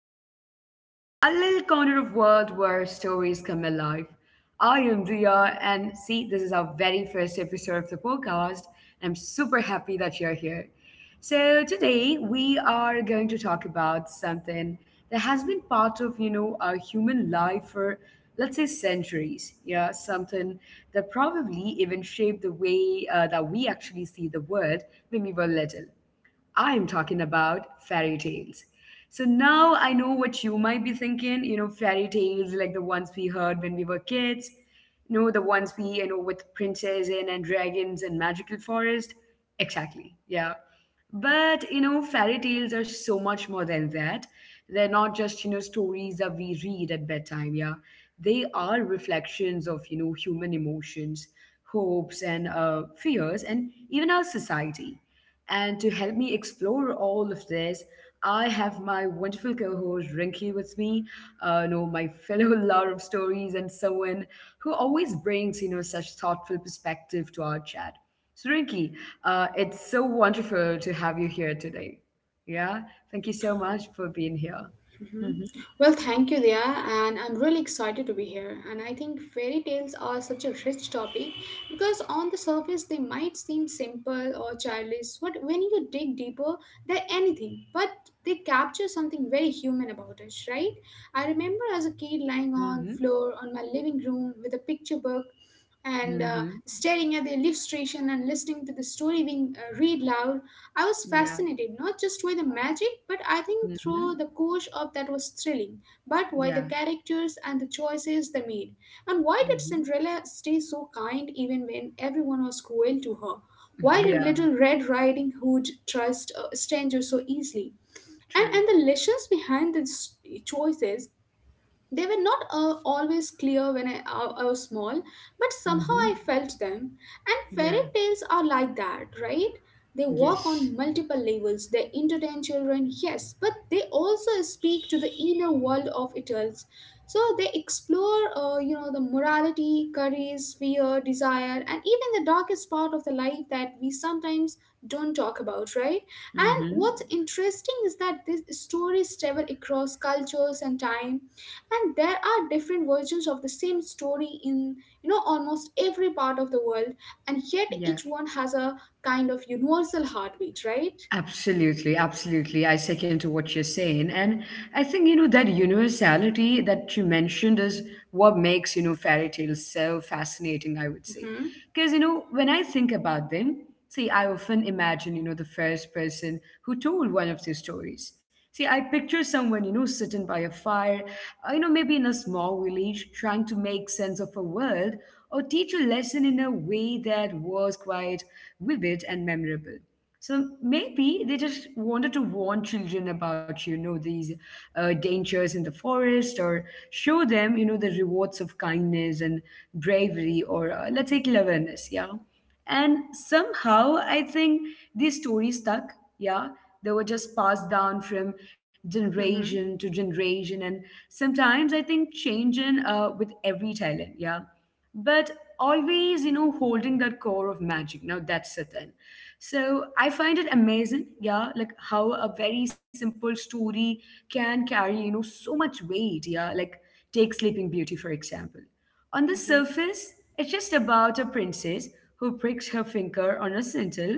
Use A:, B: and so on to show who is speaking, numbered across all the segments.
A: podcast, to a little corner of world where stories come alive. I am Dia, and see, this is our very first episode of the podcast. And I'm super happy that you're here. So today we are going to talk about something that has been part of our human life for, let's say, centuries. Yeah, something that probably even shaped the way that we actually see the world when we were little. I'm talking about fairy tales. So now I know what you might be thinking, fairy tales like the ones we heard when we were kids, the ones with princesses and dragons and magical forest. Exactly, yeah. But, fairy tales are so much more than that. They're not just, stories that we read at bedtime, yeah. They are reflections of, human emotions, hopes, and fears, and even our society. And to help me explore all of this, I have my wonderful co host Rinky with me, my fellow lover of stories, and someone who always brings, such thoughtful perspective to our chat. So, Rinky, it's so wonderful to have you here today. Yeah, thank you so much for being here.
B: Mhm.
A: Mm-hmm.
B: Well, thank you, Dia, and I'm really excited to be here. And I think fairy tales are such a rich topic because on the surface they might seem simple or childish, but when you dig deeper, they're anything. But they capture something very human about us, right? I remember as a kid lying on
A: Mm-hmm.
B: floor on my living room with a picture book and
A: Mm-hmm.
B: staring at the illustration and listening to the story being read loud. I was
A: Yeah.
B: fascinated not just by the magic, but I think through the
A: Mm-hmm.
B: course of that was thrilling, but why the
A: Yeah.
B: characters and the choices they made, and why did
A: Mm-hmm.
B: Cinderella stay so kind even when everyone was cruel to her? Why did
A: Yeah.
B: Little Red Riding Hood trust a stranger so easily? And
A: True.
B: and the lessons behind the choices they were not always clear when I was small, but somehow
A: Mm-hmm.
B: I felt them. And fairy
A: Yeah.
B: tales are like that, right? They work
A: Yes.
B: on multiple levels. They entertain children, yes, but they also speak to the inner world of adults. So they explore, the morality, courage, fear, desire, and even the darkest part of the life that we sometimes don't talk about, right? And
A: Mm-hmm.
B: what's interesting is that these stories travel across cultures and time, and there are different versions of the same story in, you know, almost every part of the world, and yet
A: Yeah,
B: each one has a kind of universal heartbeat, right?
A: absolutely, absolutely. I second to what you're saying. And I think, that universality that you mentioned is what makes, fairy tales so fascinating, I would say.
B: Mm-hmm.
A: Because, when I think about them, see, I often imagine, the first person who told one of these stories. See, I picture someone, sitting by a fire, maybe in a small village, trying to make sense of a world or teach a lesson in a way that was quite vivid and memorable. So maybe they just wanted to warn children about, these dangers in the forest, or show them, the rewards of kindness and bravery, or let's say cleverness, yeah. And somehow I think these stories stuck, yeah. They were just passed down from
B: Mm-hmm.
A: generation to generation, and sometimes I think changing with every talent. Yeah, but always, holding that core of magic. Now that's the thing. So I find it amazing, yeah, like how a very simple story can carry, so much weight, yeah, like take Sleeping Beauty, for example. On the
B: Mm-hmm.
A: surface, it's just about a princess who pricks her finger on a spindle,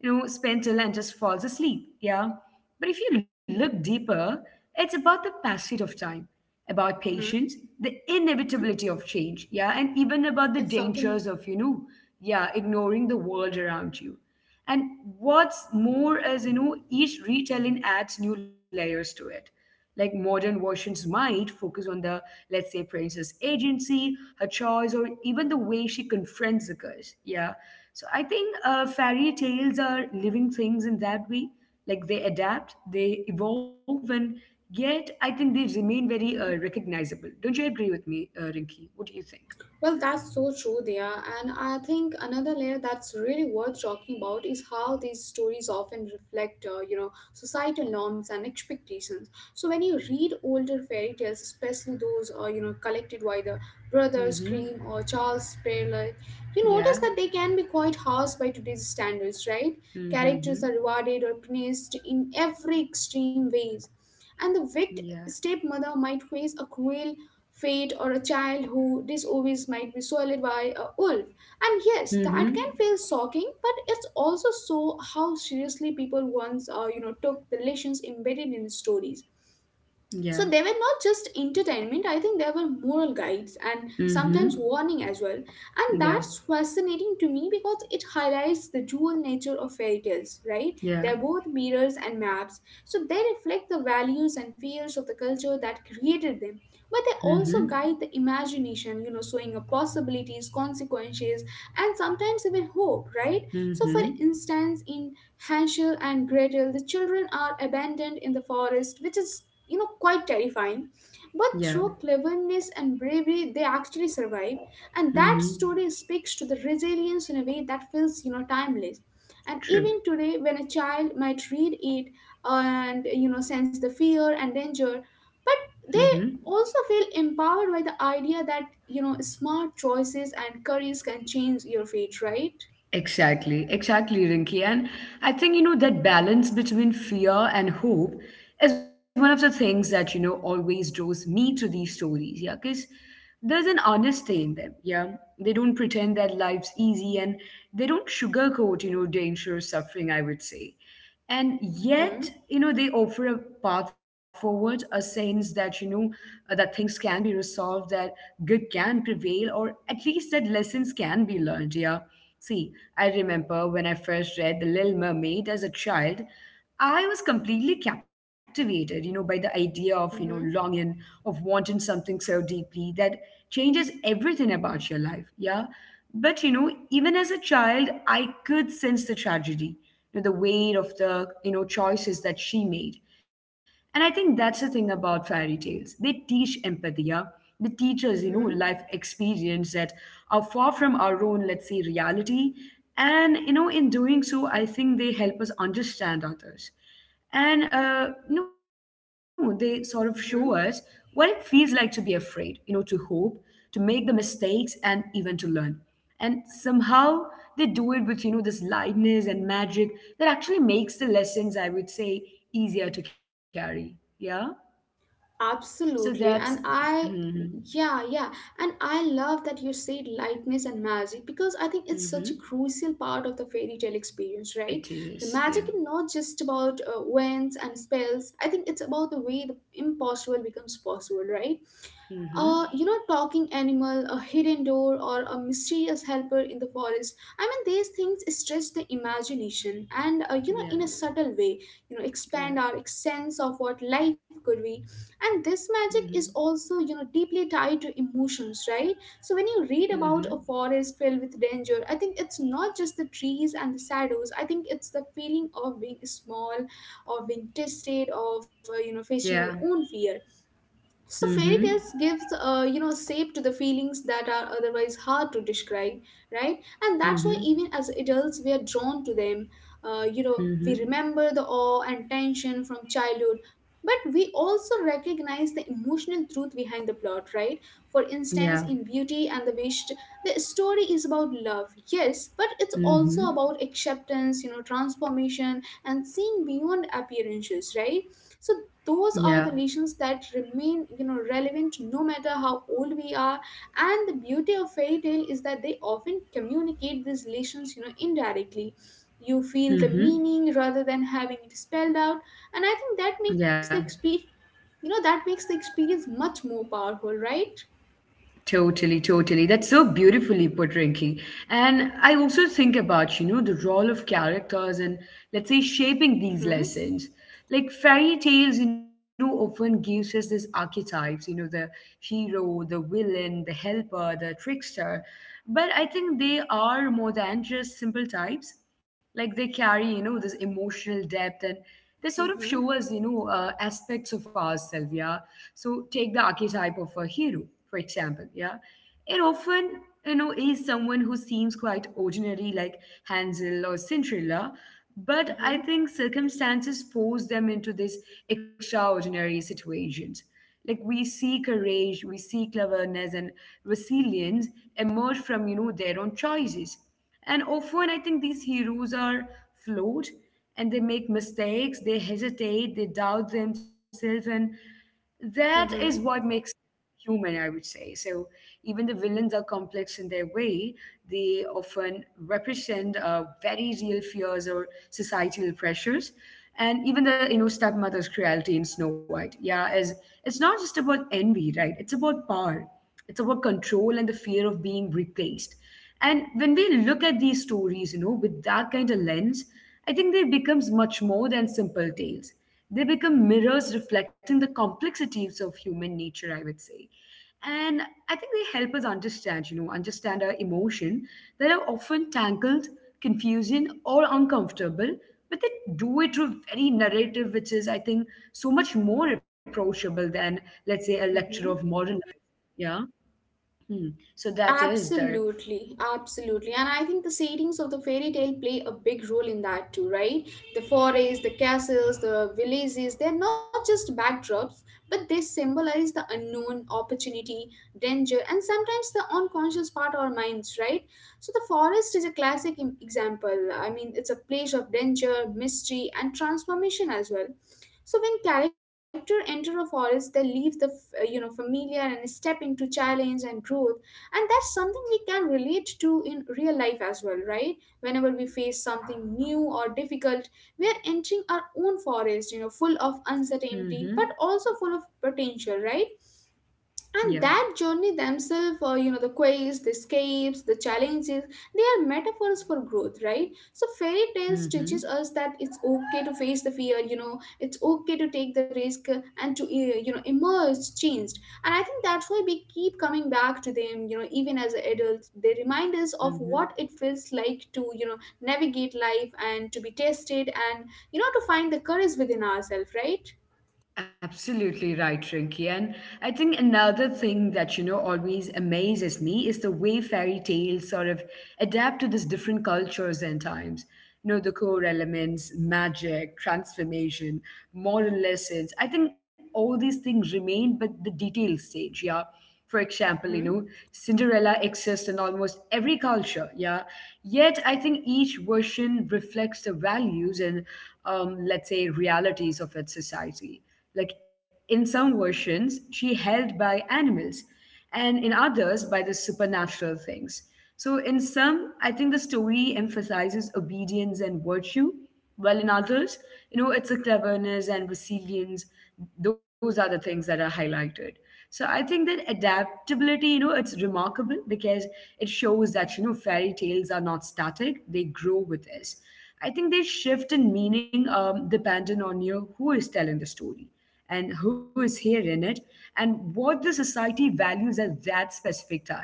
A: and just falls asleep. Yeah. But if you look deeper, it's about the passage of time, about patience,
B: Mm-hmm.
A: the inevitability of change.
B: It's
A: Yeah.
B: something
A: And
B: about
A: even about the
B: the passage of
A: dangers of,
B: time and about
A: yeah,
B: patience, right?
A: ignoring the world around you. And what's more is, each retelling adds new layers to it. Like modern versions might focus on the, let's say, princess agency, her choice, or even the way she confronts the curse. Yeah. So I think fairy tales are living things in that way. Like they adapt, they evolve, and yet I think they remain very
B: Mm-hmm.
A: recognizable. Don't you agree with me, Rinki? What do you think?
B: Well, that's so true there. And I think another layer that's really worth talking about is how these stories often reflect, societal norms and expectations. So when you read older fairy tales, especially those, collected by the Brothers
A: Mm-hmm.
B: Grimm or Charles Perrault, you notice
A: Yeah.
B: that they can be quite harsh by today's standards, right? Characters
A: Mm-hmm.
B: are rewarded or punished in every extreme ways, and the
A: Yeah.
B: wicked stepmother might face a cruel fate, or a child who disobeys might be swallowed by a wolf. And yes,
A: Mm-hmm.
B: that can feel shocking, but it's also so how seriously people once, took the lessons embedded in stories.
A: Yeah.
B: So they were not just entertainment, I think they were moral guides and sometimes
A: Mm-hmm.
B: warning as well. And
A: Yeah.
B: that's fascinating to me because it highlights the dual nature of fairy tales, right?
A: Yeah.
B: They're both mirrors and maps. So they reflect the values and fears of the culture that created them. But they also
A: Mm-hmm.
B: guide the imagination, you know, showing up possibilities, consequences, and sometimes even hope, right? So for
A: Mm-hmm.
B: instance, in Hansel and Gretel, the children are abandoned in the forest, which is, you know, quite terrifying, but
A: Yeah.
B: through cleverness and bravery they actually survive, and that
A: Mm-hmm.
B: story speaks to the resilience in a way that feels, you know, timeless. And
A: True.
B: even today when a child might read it and, you know, sense the fear and danger, but
A: Mm-hmm.
B: they also feel empowered by the idea that, you know, smart choices and careers can change your fate, right?
A: Exactly. Exactly, Rinki. And I think, that balance between fear and hope is one of the things that, always draws me to these stories. Yeah. Because there's an honesty in them. Yeah. They don't pretend that life's easy, and they don't sugarcoat, danger or suffering, I would say. And
B: Mm-hmm.
A: yet, they offer a path forward, a sense that, that things can be resolved, that good can prevail, or at least that lessons can be learned, yeah. See, I remember when I first read The Little Mermaid as a child. I was completely captivated, by the idea of,
B: Mm-hmm.
A: longing, of wanting something so deeply that changes everything about your life, yeah. But, even as a child I could sense the tragedy, the weight of the, choices that she made. And I think that's the thing about fairy tales. They teach empathy, yeah. They teach us,
B: Mm-hmm.
A: life experience that are far from our own, let's say, reality. And, in doing so, I think they help us understand others. And no, they sort of show us what it
B: Mm-hmm.
A: feels like to be afraid, to hope, to make the mistakes, and even to learn. And somehow they do it with, this lightness and magic that actually makes the lessons, I would say, easier to carry. Yeah. So
B: Absolutely.
A: that's,
B: And I,
A: mm-hmm,
B: yeah, yeah. And I love that you said lightness and magic because I think it's such a
A: mm-hmm,
B: crucial part of the fairy tale experience, right?
A: it
B: The magic
A: is.
B: is
A: Yeah.
B: not just about winds and spells. I think it's about the way the impossible becomes possible, right?
A: Mm-hmm.
B: You know, talking animal, a hidden door, or a mysterious helper in the forest. I mean, these things stretch the imagination and, you know, in a
A: Yeah.
B: subtle way, you know, expand
A: Yeah.
B: our sense of what life could be. And this magic is
A: Mm-hmm.
B: also, you know, deeply tied to emotions, right? So when you read about a
A: Mm-hmm.
B: forest filled with danger, I think it's not just the trees and the shadows. I think it's the feeling of being small, of being tested, of, you know, facing
A: Yeah.
B: your own fear. So fairy
A: Mm-hmm.
B: tales gives you know shape to the feelings that are otherwise hard to describe, right? And that's why
A: Mm-hmm.
B: even as adults we are drawn to them. You know we
A: Mm-hmm.
B: remember the awe and tension from childhood, but we also recognize the emotional truth behind the plot, right? For
A: Yeah.
B: instance, in Beauty and the Beast, the story is about love, yes, but it's also
A: Mm-hmm.
B: about acceptance, you know, transformation and seeing beyond appearances, right? So those are
A: Yeah.
B: the lessons that remain, you know, relevant no matter how old we are. And the beauty of fairy tale is that they often communicate these lessons, you know, indirectly. You feel the
A: Mm-hmm.
B: meaning rather than having it spelled out, and I think that makes the
A: Yeah.
B: experience, you know, that makes the experience much more powerful, right?
A: Totally, totally. That's so beautifully put, Rinky. And I also think about, the role of characters and, let's say, shaping these
B: Mm-hmm.
A: lessons. Like fairy tales, often gives us these archetypes, the hero, the villain, the helper, the trickster. But I think they are more than just simple types. Like they carry, this emotional depth, and they sort of
B: Mm-hmm.
A: show us, aspects of ourselves, yeah. So take the archetype of a hero, for example, yeah. It often, is someone who seems quite ordinary, like Hansel or Cinderella, but
B: Mm-hmm.
A: I think circumstances force them into these extraordinary situations. Like we see courage, we see cleverness and resilience emerge from, their own choices. And often, I think these heroes are flawed, and they make mistakes, they hesitate, they doubt themselves, and that is what
B: Mm-hmm.
A: makes human, I would say. So, even the villains are complex in their way, they often represent very real fears or societal pressures. And even the, stepmother's cruelty in Snow White, yeah, is it's not just about envy, right? It's about power, it's about control and the fear of being replaced. And when we look at these stories, with that kind of lens, I think they becomes much more than simple tales. They become mirrors reflecting the complexities of human nature, I would say. And I think they help us understand you know understand our emotion that are often tangled, confusing, or uncomfortable. But they do it through very narrative, which is, I think, so much more approachable than, let's say, a lecture of
B: Mm-hmm.
A: modern life, yeah. Hmm. So that is there.
B: Absolutely, absolutely. And I think the settings of the fairy tale play a big role in that too, right? The forests, the castles, the villages, they're not just backdrops, but they symbolize the unknown, opportunity, danger, and sometimes the unconscious part of our minds, right? So the forest is a classic example. I mean, it's a place of danger, mystery, and transformation as well. So when character enter a forest, they leave the you know familiar and step into challenge and growth, and that's something we can relate to in real life as well, right? Whenever we face something new or difficult, we are entering our own forest, you know, full of uncertainty but
A: Mm-hmm.
B: also full of potential, right? And
A: Yeah.
B: that journey themselves, you know, the quests, the escapes, the challenges, they are metaphors for growth, right? So fairy tales teaches
A: Mm-hmm.
B: us that it's okay to face the fear, you know, it's okay to take the risk, and to you know emerge changed. And I think that's why we keep coming back to them, you know, even as adults. They remind us of
A: Mm-hmm.
B: what it feels like to, you know, navigate life and to be tested, and, you know, to find the courage within ourselves, right?
A: Absolutely right, Rinky. And I think another thing that, always amazes me is the way fairy tales sort of adapt to these different cultures and times. The core elements, magic, transformation, moral lessons. I think all these things remain, but the detail stage, yeah. For example,
B: Mm-hmm.
A: Cinderella exists in almost every culture, yeah. Yet, I think each version reflects the values and, let's say, realities of its society. Like in some versions, she held by animals, and in others by the supernatural things. So in some, I think the story emphasizes obedience and virtue, while in others, it's a cleverness and resilience. Those are the things that are highlighted. So I think that adaptability, it's remarkable because it shows that, fairy tales are not static, they grow with us. I think they shift in meaning, depending on you who is telling the story, and who is hearing it, and what the society values at that specific time.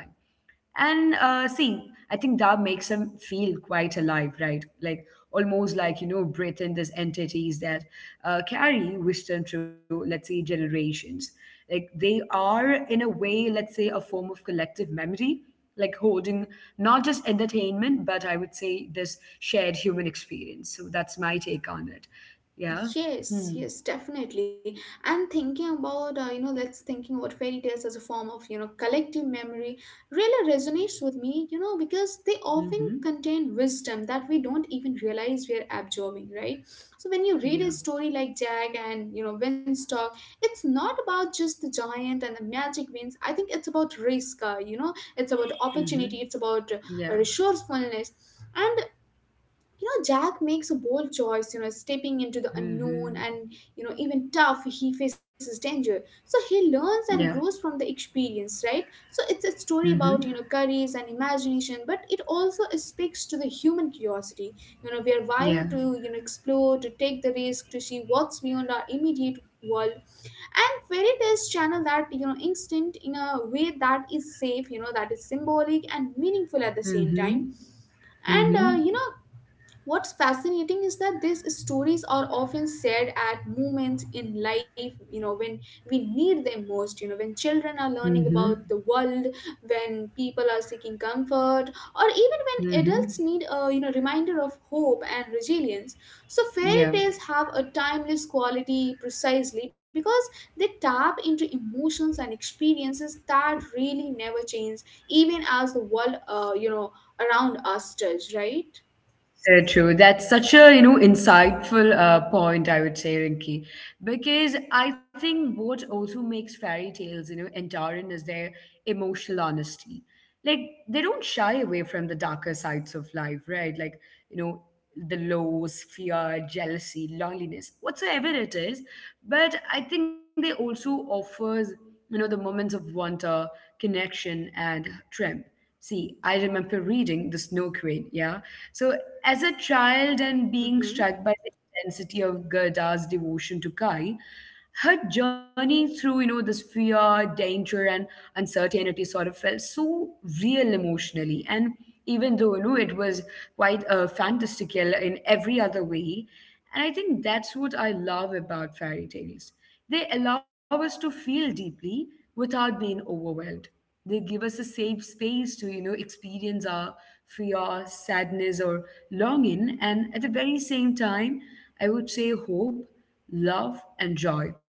A: And see, I think that makes them feel quite alive, right? Like almost like, breathing these entities that carry wisdom through, let's say, generations. Like they are, in a way, let's say, a form of collective memory, like holding not just entertainment, but I would say this shared human experience. So that's my take on it. Yeah. Hmm.
B: Yes, yes, definitely. And thinking about, you know, that's thinking about fairy tales as a form of, you know, collective memory really resonates with me, you know, because they often
A: Mm-hmm.
B: contain wisdom that we don't even realize we're absorbing, right? So when you read a
A: Yeah.
B: story like Jack and, you know, Winstock, it's not about just the giant and the magic wings. I think it's about risk, you know, it's about opportunity,
A: Mm-hmm.
B: it's about
A: Yeah.
B: resourcefulness. And you know jack makes a bold choice, you know, stepping into the unknown,
A: Mm-hmm.
B: and, you know, even tough he faces danger, so he learns and
A: Yeah.
B: grows from the experience, right? So it's a story
A: Mm-hmm.
B: about, you know, courage and imagination, but it also speaks to the human curiosity. You know, we are wired
A: Yeah.
B: to, you know, explore, to take the risk, to see what's beyond our immediate world, and fairy tales channel that, you know, instinct in a way that is safe, you know, that is symbolic and meaningful at the same
A: Mm-hmm.
B: time. And
A: Mm-hmm.
B: you know What's fascinating is that these stories are often shared at moments in life, you know, when we need them most, you know, when children are learning
A: Mm-hmm.
B: about the world, when people are seeking comfort, or even when
A: Mm-hmm.
B: adults need a, you know, reminder of hope and resilience. So, fairy
A: Yeah.
B: tales have a timeless quality precisely because they tap into emotions and experiences that really never change, even as the world, you know, around us does, right?
A: So true. That's such a, insightful point, I would say, Rinki. Because I think what also makes fairy tales, enduring is their emotional honesty. Like, they don't shy away from the darker sides of life, right? Like, you know, the lows, fear, jealousy, loneliness, whatsoever it is. But I think they also offers, the moments of wonder, connection, and triumph. See, I remember reading The Snow Queen, yeah? So, as a child, and being
B: Mm-hmm.
A: struck by the intensity of Gerda's devotion to Kai, her journey through, this fear, danger, and uncertainty sort of felt so real emotionally. And even though, it was quite fantastical in every other way, and I think that's what I love about fairy tales. They allow us to feel deeply without being overwhelmed. They give us a safe space to experience our fear, sadness, or longing, and at the very same time, I would say, hope, love, and joy.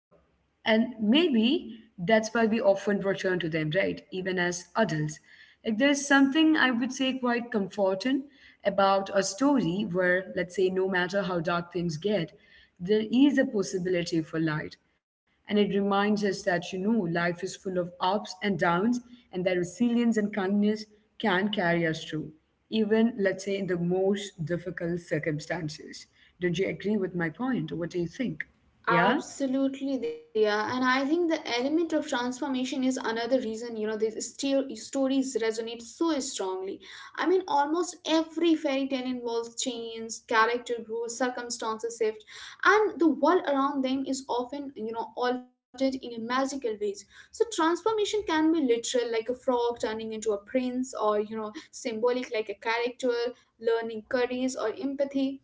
A: And maybe that's why we often return to them, right, even as adults. Like there's something, I would say, quite comforting about a story where, let's say, no matter how dark things get, there is a possibility for light, and it reminds us that, life is full of ups and downs, and that resilience and kindness can carry us through, even, let's say, in the most difficult circumstances. Don't you agree with my point? What do you think? Yeah?
B: Absolutely, they are, and I think the element of transformation is another reason, you know, these stories resonate so strongly. I mean, almost every fairy tale involves change, character growth, circumstances shift, and the world around them is often, you know, altered in a magical ways. So transformation can be literal, like a frog turning into a prince, or, you know, symbolic, like a character learning courage or empathy.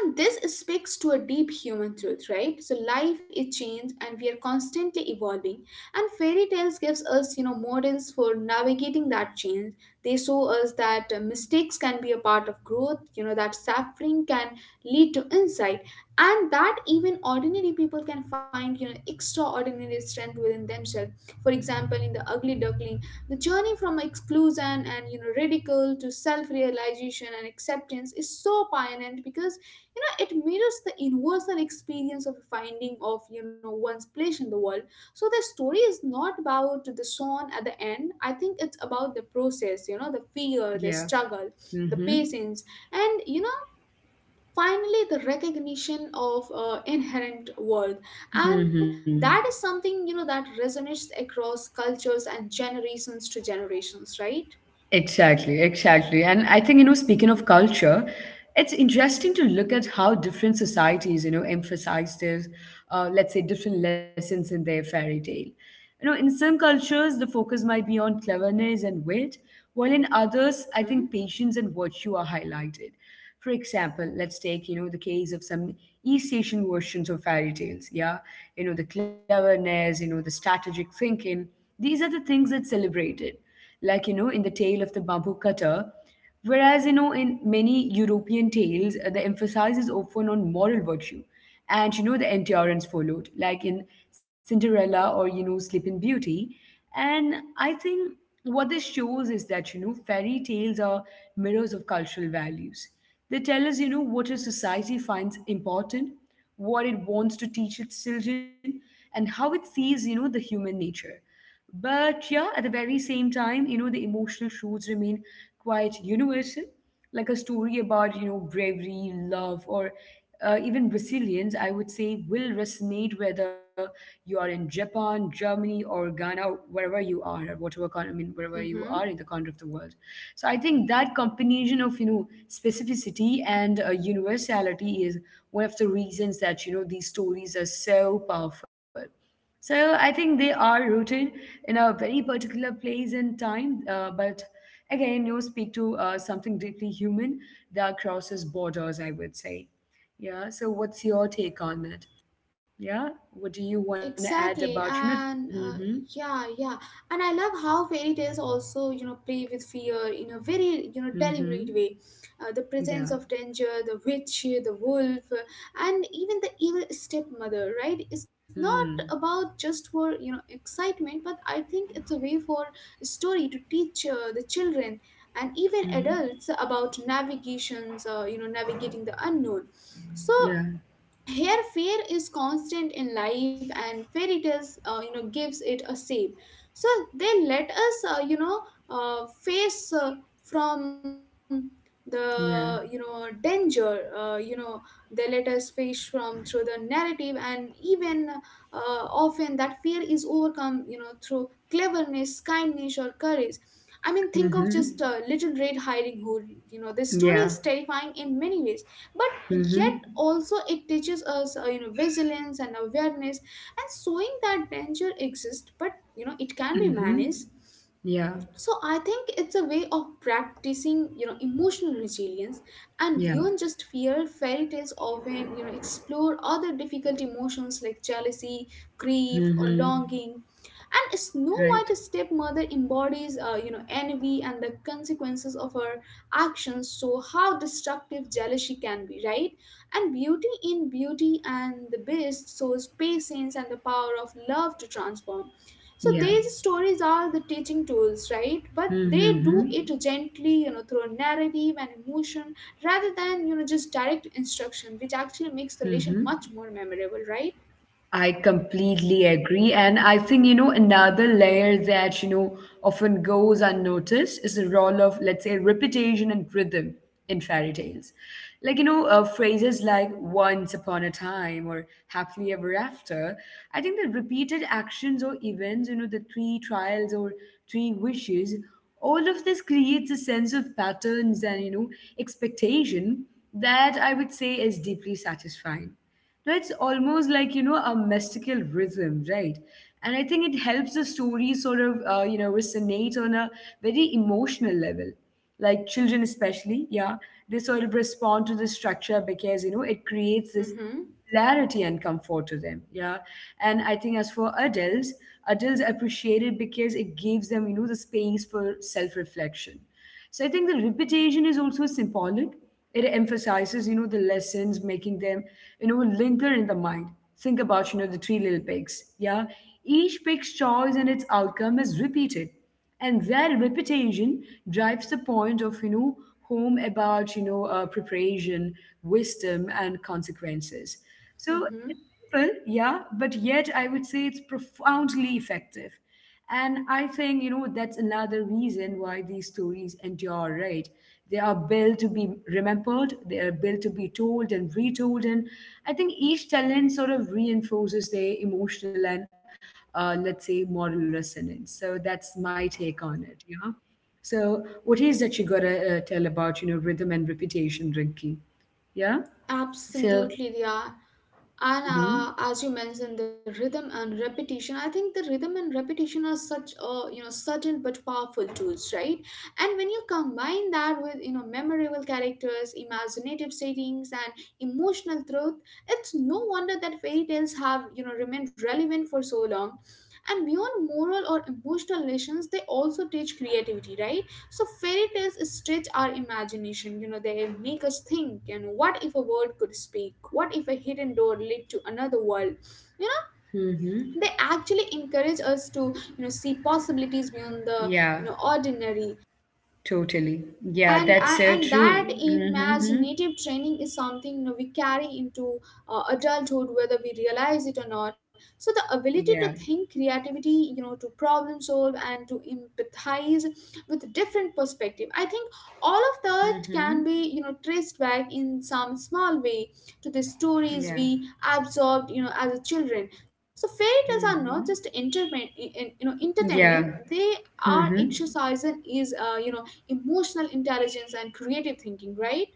B: And this speaks to a deep human truth, right? So life is change and we are constantly evolving. And fairy tales gives us, you know, models for navigating that change. They show us that mistakes can be a part of growth, you know, that suffering can lead to insight, and that even ordinary people can find, you know, extraordinary strength within themselves. For example, in The Ugly Duckling, the journey from exclusion and, you know, ridicule to self-realization and acceptance is so poignant because, you know, it mirrors the universal experience of finding of, you know, one's place in the world. So the story is not about the song at the end, I think it's about the process, you know, the fear, the
A: Yeah.
B: struggle,
A: Mm
B: the
A: hmm.
B: patience, and, you know, finally the recognition of inherent worth. And
A: Mm hmm.
B: that is something, you know, that resonates across cultures and generations to generations, right?
A: Exactly, exactly. And I think, speaking of culture, it's interesting to look at how different societies, emphasize their, let's say, different lessons in their fairy tale. In some cultures, the focus might be on cleverness and wit, while in others, I think
B: Mm-hmm.
A: patience and virtue are highlighted. For example, let's take, the case of some East Asian versions of fairy tales. Yeah. The cleverness, the strategic thinking. These are the things that celebrated, like in the tale of the bamboo cutter, whereas in many European tales, the emphasis is often on moral virtue and the endurance followed, like in Cinderella or Sleeping Beauty. And I think what this shows is that fairy tales are mirrors of cultural values. They tell us what a society finds important, what it wants to teach its children, and how it sees the human nature. But yeah, at the very same time, the emotional truths remain quite universal, like a story about, bravery, love, or even resilience, I would say, will resonate whether you are in Japan, Germany, or Ghana, wherever you are, or whatever, I mean, wherever you are
B: Mm-hmm.
A: in the corner of the world. So I think that combination of, specificity and universality is one of the reasons that, these stories are so powerful. So I think they are rooted in a very particular place and time, but again, you speak to something deeply human that crosses borders, I would say. Yeah. So what's your take on it? Yeah. What do you want to add about?
B: Exactly, and
A: Mm-hmm.
B: yeah, yeah, and I love how fairy tales also, you know, play with fear in a very, you know,
A: Mm-hmm.
B: deliberate way. The
A: Yeah.
B: presence of danger, the witch, the wolf, and even the evil stepmother, right? It's not
A: Hmm.
B: about just for you know excitement, but I think it's a way for story to teach the children and even
A: Mm-hmm.
B: adults about navigations, you know, navigating the unknown. So
A: Yeah.
B: here fear is constant in life and fairy tales you know gives it a shape so they let us face from the you know
A: Yeah.
B: danger. They let us face from through the narrative and even often that fear is overcome you know through cleverness, kindness, or courage. I mean, think of
A: Mm-hmm.
B: just little red hiding hood. You know, this story
A: Yeah.
B: is terrifying in many ways, but yet
A: Mm-hmm.
B: also it teaches us you know vigilance and awareness, and showing that danger exists, but you know it can be
A: Mm-hmm.
B: managed.
A: Yeah.
B: So I think it's a way of practicing you know emotional resilience. And
A: Yeah.
B: beyond just fear, fairy tales often you know explore other difficult emotions like jealousy, grief, or
A: Mm-hmm.
B: longing. And Snow
A: Right.
B: white stepmother embodies you know envy and the consequences of her actions, so how destructive jealousy can be, right? And beauty in Beauty and the Beast shows patience and the power of love to transform. So
A: Yeah.
B: these stories are the teaching tools, right? But
A: Mm-hmm.
B: they do
A: Mm-hmm.
B: it gently, you know, through narrative and emotion rather than, you know, just direct instruction, which actually makes the lesson
A: Mm-hmm.
B: much more memorable, right?
A: I completely agree. And I think, another layer that, often goes unnoticed is the role of, let's say, repetition and rhythm in fairy tales. Like, phrases like once upon a time or happily ever after. I think that repeated actions or events, the three trials or three wishes, all of this creates a sense of patterns and, expectation that I would say is deeply satisfying. No, it's almost like, a mystical rhythm, right? And I think it helps the story sort of, resonate on a very emotional level. Like children, especially, yeah, they sort of respond to the structure because, it creates this
B: Mm-hmm.
A: clarity and comfort to them, yeah. And I think as for adults appreciate it because it gives them, the space for self reflection. So I think the repetition is also symbolic. It emphasizes, the lessons, making them, linger in the mind. Think about, the three little pigs. Yeah. Each pig's choice and its outcome is repeated. And that repetition drives the point of, home about, preparation, wisdom, and consequences. So
B: Mm-hmm.
A: simple, yeah, but yet I would say it's profoundly effective. And I think, that's another reason why these stories endure, right? They are built to be remembered, they are built to be told and retold. And I think each telling sort of reinforces their emotional and, let's say, moral resonance. So that's my take on it, yeah. So, what is that you gotta tell about, rhythm and repetition, Rinki? Yeah. So,
B: Absolutely, they are. And
A: mm-hmm,
B: as you mentioned, the rhythm and repetition. I think the rhythm and repetition are such a you know subtle but powerful tools, right? And when you combine that with you know memorable characters, imaginative settings, and emotional truth, it's no wonder that fairy tales have you know remained relevant for so long. And beyond moral or emotional lessons, they also teach creativity, right? So fairy tales stretch our imagination. You know, they make us think. You know, what if a world could speak? What if a hidden door led to another world? You know, they
A: mm-hmm.
B: actually encourage us to you know see possibilities beyond the you
A: Yeah,
B: know ordinary.
A: totally. Yeah,
B: and
A: that's
B: and
A: so
B: and that
A: true. Mm-hmm.
B: imaginative training is something you know we carry into adulthood, whether we realize it or not. So the ability to
A: Yeah.
B: think creativity, you know, to problem solve and to empathize with different perspective, I think all of that
A: Mm-hmm.
B: can be you know traced back in some small way to the stories
A: Yeah.
B: we absorbed you know as a children. So fairy tales are not just
A: Mm-hmm.
B: entertainment you know entertainment
A: Yeah.
B: They are
A: Mm-hmm.
B: exercise and is you know emotional intelligence and creative thinking, right?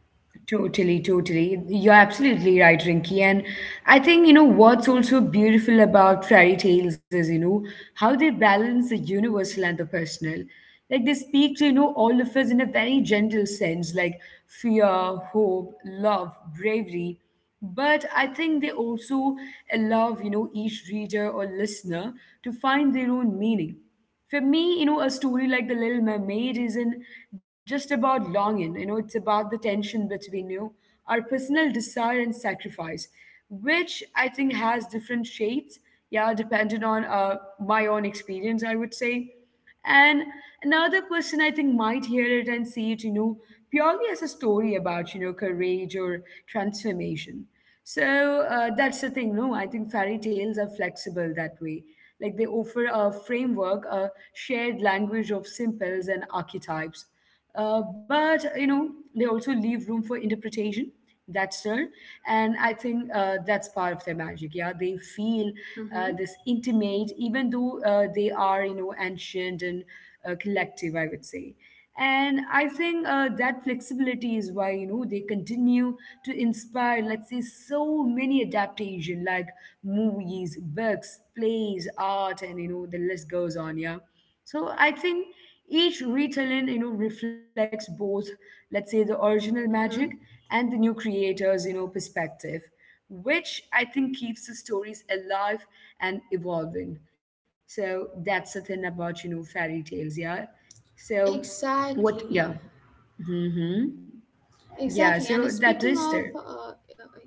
A: Totally, totally. You're absolutely right, Rinky. And I think, what's also beautiful about fairy tales is, how they balance the universal and the personal. Like they speak to, all of us in a very gentle sense, like fear, hope, love, bravery. But I think they also allow, each reader or listener to find their own meaning. For me, a story like The Little Mermaid isn't just about longing, it's about the tension between, our personal desire and sacrifice, which I think has different shades, yeah, depending on my own experience, I would say. And another person I think might hear it and see it, purely as a story about, courage or transformation. So that's the thing, no? I think fairy tales are flexible that way. Like they offer a framework, a shared language of symbols and archetypes, but they also leave room for interpretation, that's there. And I think that's part of their magic, yeah. They feel,
B: Mm-hmm.
A: this intimate, even though they are, ancient and collective, I would say. And I think that flexibility is why they continue to inspire, let's say, so many adaptation, like movies, books, plays, art, and the list goes on, yeah. So I think each retelling, reflects both, let's say, the original magic
B: Mm-hmm.
A: and the new creator's, perspective, which I think keeps the stories alive and evolving. So that's the thing about, fairy tales, yeah. So what,
B: Exactly.
A: yeah. Hmm. Yeah,
B: Exactly,
A: so
B: and
A: that
B: speaking
A: is
B: of
A: there.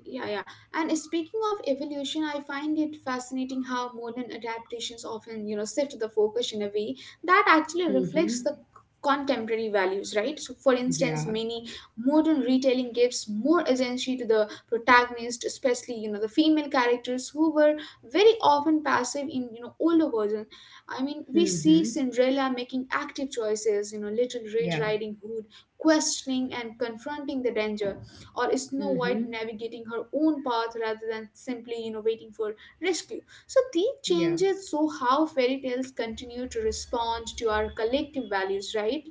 B: yeah yeah and speaking of evolution, I find it fascinating how modern adaptations often you know shift the focus in a way that actually reflects the
A: Hmm.
B: contemporary values, right? So for instance,
A: Yeah.
B: many modern retelling gives more agency to the protagonist, especially you know the female characters who were very often passive in you know older versions. I mean, we see
A: Hmm.
B: Cinderella making active choices, you know, little red
A: Yeah.
B: riding hood questioning and confronting the danger, or Snow White
A: Hmm.
B: navigating her own path rather than simply, you know, waiting for rescue. So these
A: Yeah.
B: changes So how fairy tales continue to respond to our collective values, right?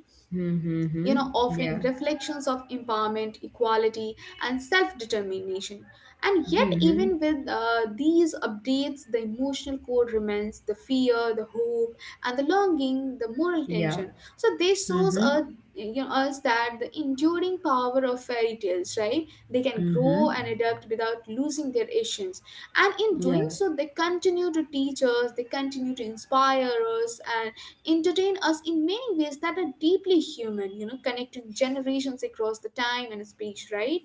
B: You know,
A: Hmm.
B: offering
A: Yeah.
B: reflections of empowerment, equality, and self-determination. And yet,
A: Hmm.
B: even with these updates, the emotional core remains: the fear, the hope, and the longing, the moral
A: Yeah.
B: tension. So this shows
A: Mm-hmm.
B: us you know us that the enduring power of fairy tales, right? They can
A: Mm-hmm.
B: grow and adapt without losing their essence, and in
A: Yeah.
B: doing so they continue to teach us, they continue to inspire us, and entertain us in many ways that are deeply human, you know, connecting generations across the time and space, right?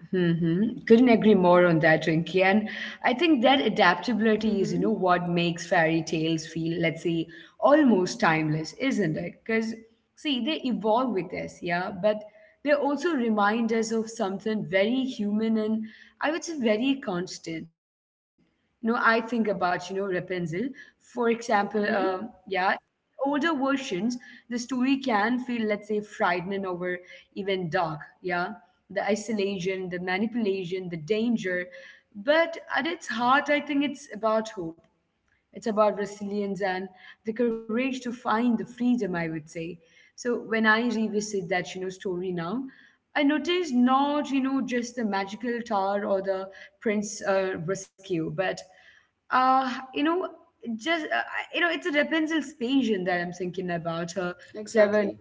A: Mm-hmm. Couldn't agree more on that, Rinky. And I think that
B: Mm-hmm.
A: adaptability is, what makes fairy tales feel, let's say, almost timeless, isn't it? Because, see, they evolve with us, yeah, but they also remind us of something very human and I would say very constant. I think about, Rapunzel, for example, yeah,
B: Mm-hmm.
A: older versions, the story can feel, let's say, frightening or even dark, yeah, the isolation, the manipulation, the danger. But at its heart, I think it's about hope. It's about resilience and the courage to find the freedom, I would say. So when I revisit that, story now, I notice not, just the magical tower or the prince rescue, but uh, you know, just it's a Rapunzel's patience that I'm thinking about, her clever
B: Exactly.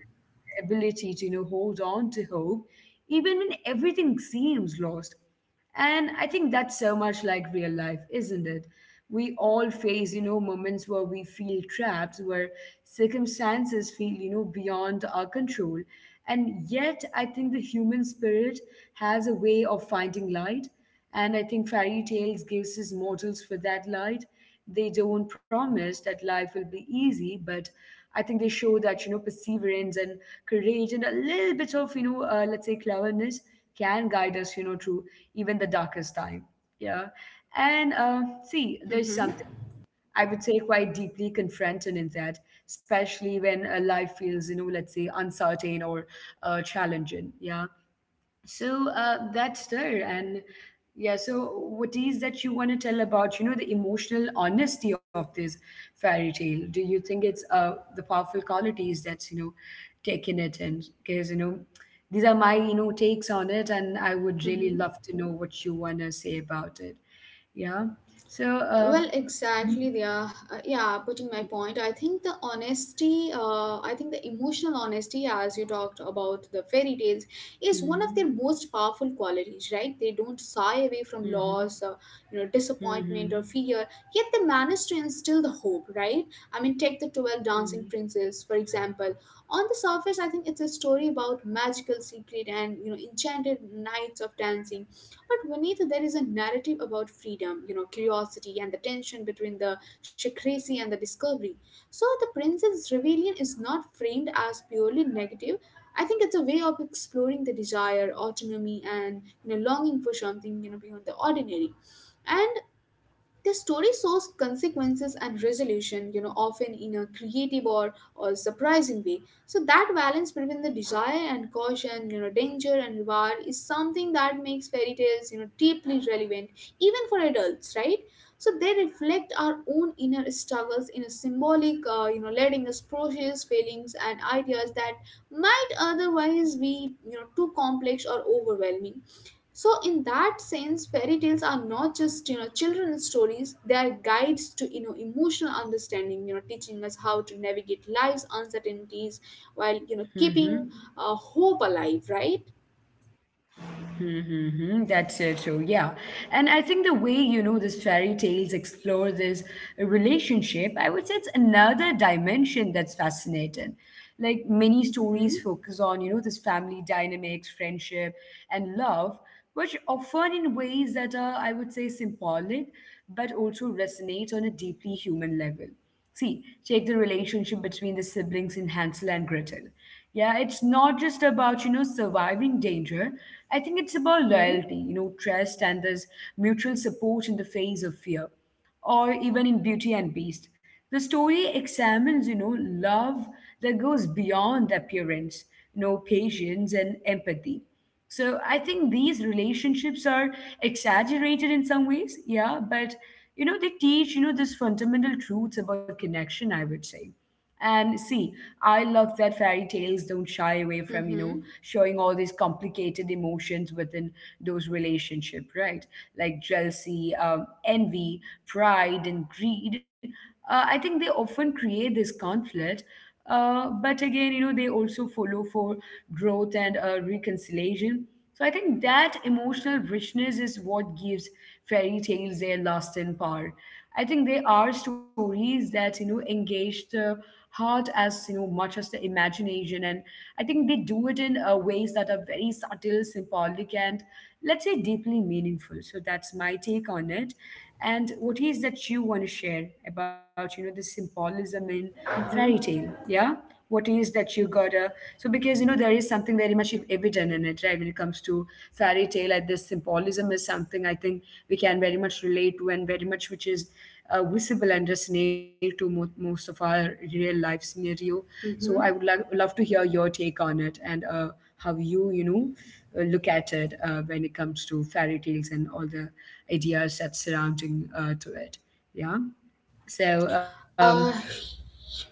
A: ability to hold on to hope even when everything seems lost. And I think that's so much like real life, isn't it? We all face, moments where we feel trapped, where circumstances feel, beyond our control. And yet I think the human spirit has a way of finding light. And I think fairy tales gives us mortals for that light. They don't promise that life will be easy, but I think they show that perseverance and courage and a little bit of let's say cleverness can guide us through even the darkest time. Yeah, and see, there's
B: Mm-hmm.
A: something I would say quite deeply confronting in that, especially when life feels, let's say, uncertain or challenging. Yeah, so that's there. And yeah, so what is that you want to tell about, the emotional honesty of this fairy tale? Do you think it's the powerful qualities that's, taking it? And because, these are my, takes on it, and I would really
B: Mm-hmm.
A: love to know what you want to say about it, yeah, so
B: Well,
A: mhm,
B: exactly. Yeah Putting my point, I think the emotional honesty, as you talked about, the fairy tales is one
A: mhm,
B: of their most powerful qualities, right? They don't shy away from loss, you know disappointment
A: mhm,
B: or fear, yet they manage to instill the hope, right? I mean, take the
A: mhm,
B: 12
A: mhm,
B: dancing princes for example. On the surface, I think it's a story about magical secret and you know enchanted nights of dancing, but beneath there is a narrative about freedom, you know, curiosity and the tension between the secrecy and the discovery. So the Princess Rebellion is not framed as purely negative. I think it's a way of exploring the desire, autonomy, and you know, longing for something you know beyond the ordinary. And the story shows consequences and resolution, you know, often in a creative or surprising way. So that balance between the desire and caution, you know, danger and reward is something that makes fairy tales, you know, deeply relevant, even for adults, right? So they reflect our own inner struggles in a symbolic, you know, letting us process feelings and ideas that might otherwise be, you know, too complex or overwhelming. So, in that sense, fairy tales are not just you know children's stories; they are guides to you know emotional understanding. You know, teaching us how to navigate life's uncertainties
A: mhm.
B: while you know keeping hope alive. Right?
A: Mm-hmm, mm-hmm. That's so true. Yeah. And I think the way, these fairy tales explore this relationship, I would say it's another dimension that's fascinating. Like many stories
B: Mm-hmm.
A: focus on, this family dynamics, friendship, and love, which often in ways that are, I would say, symbolic, but also resonate on a deeply human level. See, take the relationship between the siblings in Hansel and Gretel. Yeah, it's not just about, surviving danger. I think it's about
B: Mm-hmm.
A: loyalty, trust and this mutual support in the face of fear, or even in Beauty and Beast. The story examines, love that goes beyond the appearance, patience and empathy. So I think these relationships are exaggerated in some ways, yeah, but they teach, this fundamental truths about connection, I would say. And see, I love that fairy tales don't shy away from,
B: Mm-hmm.
A: showing all these complicated emotions within those relationship, right? Like jealousy, envy, pride, and greed. I think they often create this conflict, but again, they also follow for growth and reconciliation. So I think that emotional richness is what gives fairy tales their lasting power. I think they are stories that, engage the heart as, much as the imagination. And I think they do it in ways that are very subtle, symbolic, and let's say deeply meaningful. So that's my take on it. And what is that you want to share about, the symbolism in fairy tale?
B: Mm-hmm.
A: Yeah, what is that you gotta? So because you know there is something very much evident in it, right? When it comes to fairy tale, like this symbolism is something I think we can very much relate to, and very much which is visible and resonate to most of our real life scenario. So I would
B: Mm-hmm.
A: like love to hear your take on it and how you you know look at it when it comes to fairy tales and all the ideas that surrounding to it. Yeah. So.
B: Uh,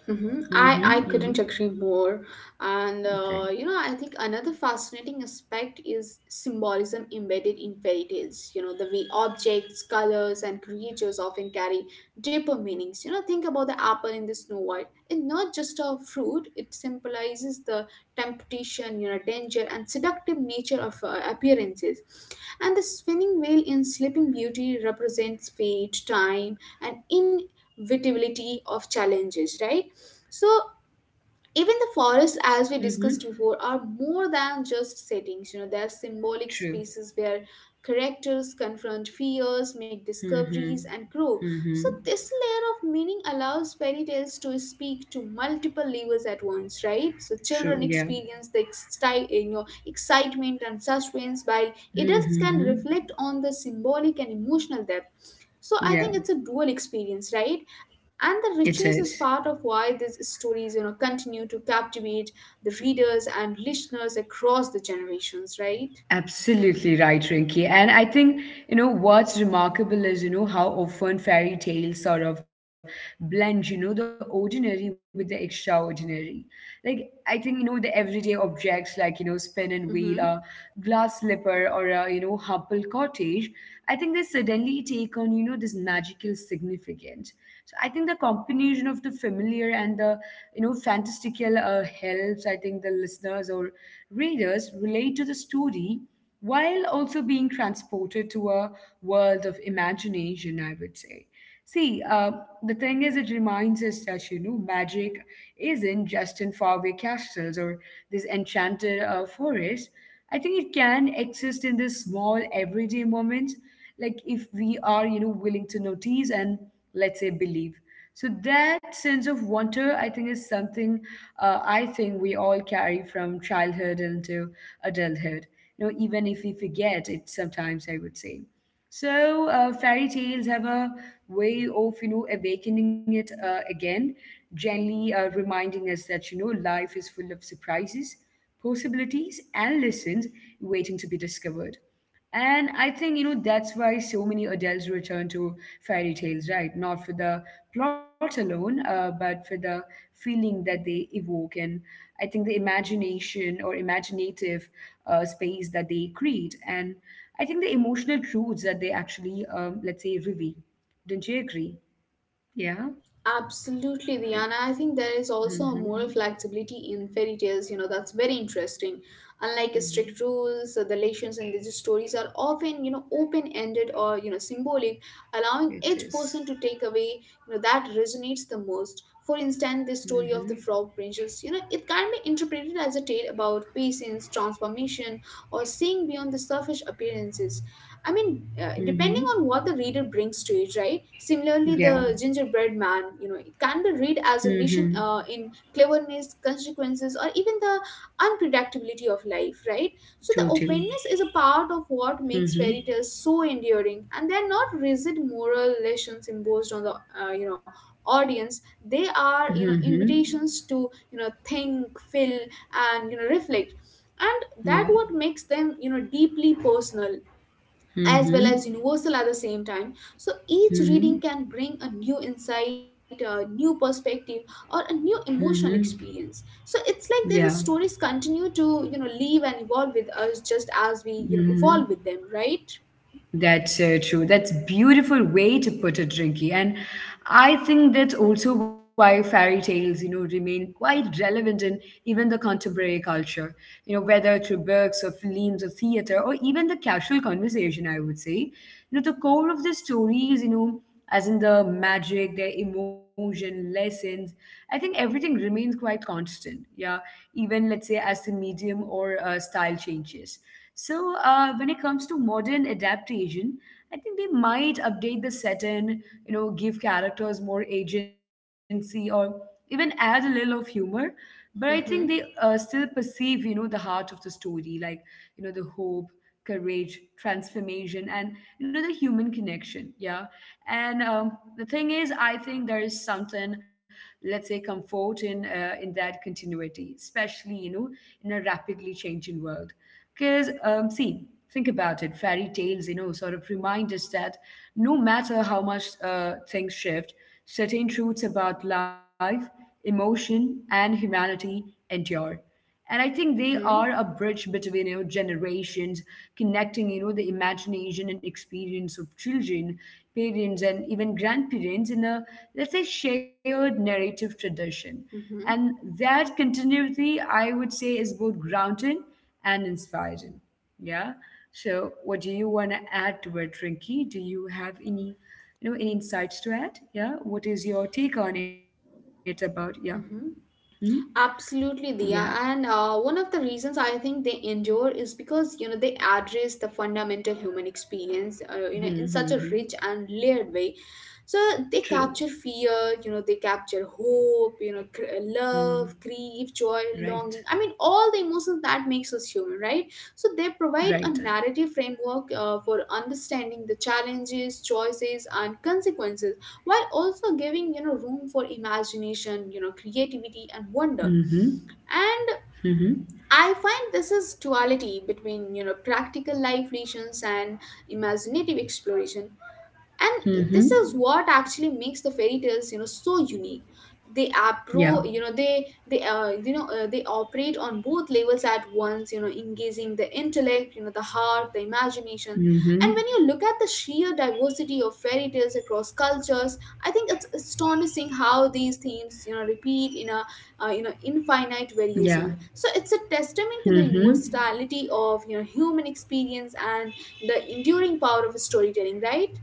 B: mhm.
A: Mm-hmm.
B: I, I
A: Mm-hmm.
B: couldn't agree more. And,
A: Okay.
B: you know, I think another fascinating aspect is symbolism embedded in fairy tales. You know, the way objects, colors, and creatures often carry deeper meanings. You know, think about the apple in the Snow White. It's not just a fruit, it symbolizes the temptation, you know, danger, and seductive nature of appearances. And the spinning wheel in Sleeping Beauty represents fate, time, and vitability of challenges, right? So even the forests, as we discussed
A: Mm-hmm.
B: before, are more than just settings. You know, they are symbolic
A: True.
B: spaces where characters confront fears, make discoveries,
A: Mm-hmm.
B: and grow. So
A: Mm-hmm.
B: this layer of meaning allows fairy tales to speak to multiple levels at once, right? So children
A: True. Yeah.
B: experience the you know, excitement and suspense, while adults
A: Mm-hmm.
B: can
A: Mm-hmm.
B: reflect on the symbolic and emotional depth. So I think it's
A: Yeah.
B: a dual experience, right? And the
A: It
B: richness is
A: is.
B: part of why these stories you know continue to captivate the readers and listeners across the generations, right?
A: Absolutely right, Rinky. And I think, what's remarkable is, how often fairy tales sort of blend, the ordinary with the extraordinary. Like, I think, the everyday objects like, spin and wheel, a
B: Hmm.
A: glass slipper, or a, Hubble cottage, I think they suddenly take on, this magical significance. So I think the combination of the familiar and the, fantastical helps, I think, the listeners or readers relate to the story while also being transported to a world of imagination, I would say. See, the thing is, it reminds us that, magic isn't just in faraway castles or this enchanted forest. I think it can exist in this small, everyday moment, like if we are, willing to notice and, let's say, believe. So that sense of wonder, I think, is something I think we all carry from childhood into adulthood. You know, even if we forget it sometimes, I would say. So, fairy tales have a way of, awakening it again, gently reminding us that, life is full of surprises, possibilities, and lessons waiting to be discovered. And I think, that's why so many adults return to fairy tales, right? Not for the plot alone, but for the feeling that they evoke. And I think the imagination or imaginative space that they create. And I think the emotional truths that they actually, let's say, reveal. Don't you agree? Yeah.
B: Absolutely, Diana. I think there is
A: Mm-hmm.
B: also a
A: Mm-hmm.
B: moral flexibility in fairy tales. You know, that's very interesting. Unlike
A: Mm-hmm.
B: strict rules, the relations in these stories are often, you know, open-ended or, you know, symbolic, allowing
A: It
B: each
A: is.
B: person to take away, you know, that resonates the most. For instance, the
A: Mm-hmm.
B: story of the frog princess, you know, it can be interpreted as a tale about patience, transformation, or seeing beyond the surface appearances. I mean,
A: Mm-hmm.
B: depending on what the reader brings to it, right? Similarly,
A: Yeah.
B: the gingerbread man, you know, it can be read as a
A: Mm-hmm.
B: lesson in cleverness, consequences, or even the unpredictability of life, right? So the
A: Totally.
B: openness is a part of what makes
A: Mm-hmm.
B: fairy tales so enduring, and they're not rigid moral lessons imposed on the, you know, audience. They are you know
A: Mm-hmm.
B: invitations to you know think, feel, and you know reflect. And
A: Yeah.
B: that what makes them you know deeply personal as well
A: Mm-hmm.
B: as universal at the same time. So each reading
A: Mm-hmm.
B: can bring a new insight, a new perspective, or a new emotional
A: Mm-hmm.
B: experience. So it's like these
A: Yeah.
B: stories continue to you know live and evolve with us, just as we you know
A: Mm-hmm.
B: evolve with them, right?
A: That's so true. That's beautiful way to put it, Rinky. And I think that's also why fairy tales, remain quite relevant in even the contemporary culture. You know, whether through books or films or theater or even the casual conversation, I would say. You know, the core of the story is, as in the magic, their emotion, lessons. I think everything remains quite constant. Yeah, even let's say as the medium or style changes. So when it comes to modern adaptation, I think they might update the setting, give characters more agency or even add a little of humor. But I think they
B: Mm-hmm.
A: still perceive, the heart of the story, like the hope, courage, transformation, and the human connection. Yeah. And the thing is, I think there is something, let's say, comfort in that continuity, especially in a rapidly changing world, because see, think about it, fairy tales sort of remind us that no matter how much things shift, certain truths about life, emotion, and humanity endure. And I think they are
B: Mm-hmm.
A: a bridge between generations, connecting the imagination and experience of children, parents, and even grandparents in a, let's say, shared narrative tradition. And
B: Mm-hmm.
A: that continuity, I would say, is both grounding and inspiring. Yeah. So what do you want to add to it, Rinki? Do you have any any insights to add? Yeah, what is your take on it about? Yeah. Hmm?
B: Mm-hmm.
A: Yeah.
B: Absolutely, Dia. And one of the reasons I think they endure is because you know they address the fundamental human experience, you know,
A: Hmm.
B: in
A: Hmm,
B: such a
A: hmm.
B: rich and layered way. So they
A: True.
B: capture fear, you know, they capture hope, you know,
A: Mm,
B: love, grief, joy,
A: right.
B: longing. I mean, all the emotions that makes us human, right? So they provide a
A: Right.
B: narrative framework for understanding the challenges, choices, and consequences while also giving room for imagination, creativity and
A: Mm-hmm.
B: wonder. And
A: Mm-hmm.
B: I find this is duality between practical life lessons and imaginative exploration, and
A: Mm-hmm.
B: this is what actually makes the fairy tales, so unique. They
A: Yeah.
B: appro you know they you know They operate on both levels at once, engaging the intellect, the heart, the imagination.
A: Mm-hmm.
B: And when you look at the sheer diversity of fairy tales across cultures, I think it's astonishing how these themes, repeat in a you know
A: Yeah.
B: infinite variation. So it's a testament
A: Mm-hmm.
B: to the universality of human experience and the enduring power of storytelling, right?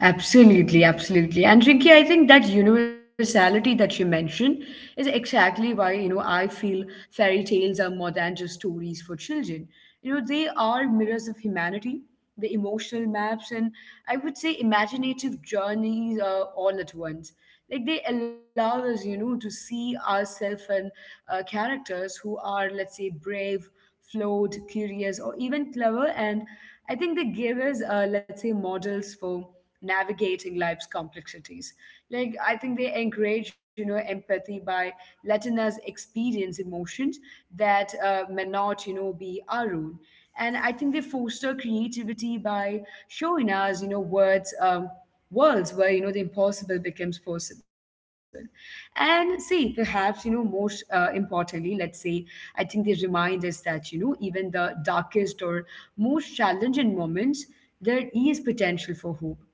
A: Absolutely, absolutely. And Rinki, I think that universality that you mentioned is exactly why, I feel fairy tales are more than just stories for children. You know, they are mirrors of humanity, the emotional maps, and I would say imaginative journeys all at once. Like they allow us, to see ourselves and characters who are, let's say, brave, flawed, curious, or even clever. And I think they gave us, let's say, models for navigating life's complexities. Like, I think they encourage, empathy by letting us experience emotions that may not, be our own. And I think they foster creativity by showing us, words. Worlds where the impossible becomes possible. And see, perhaps most importantly, let's say, I think they remind us that even the darkest or most challenging moments, there is potential for hope,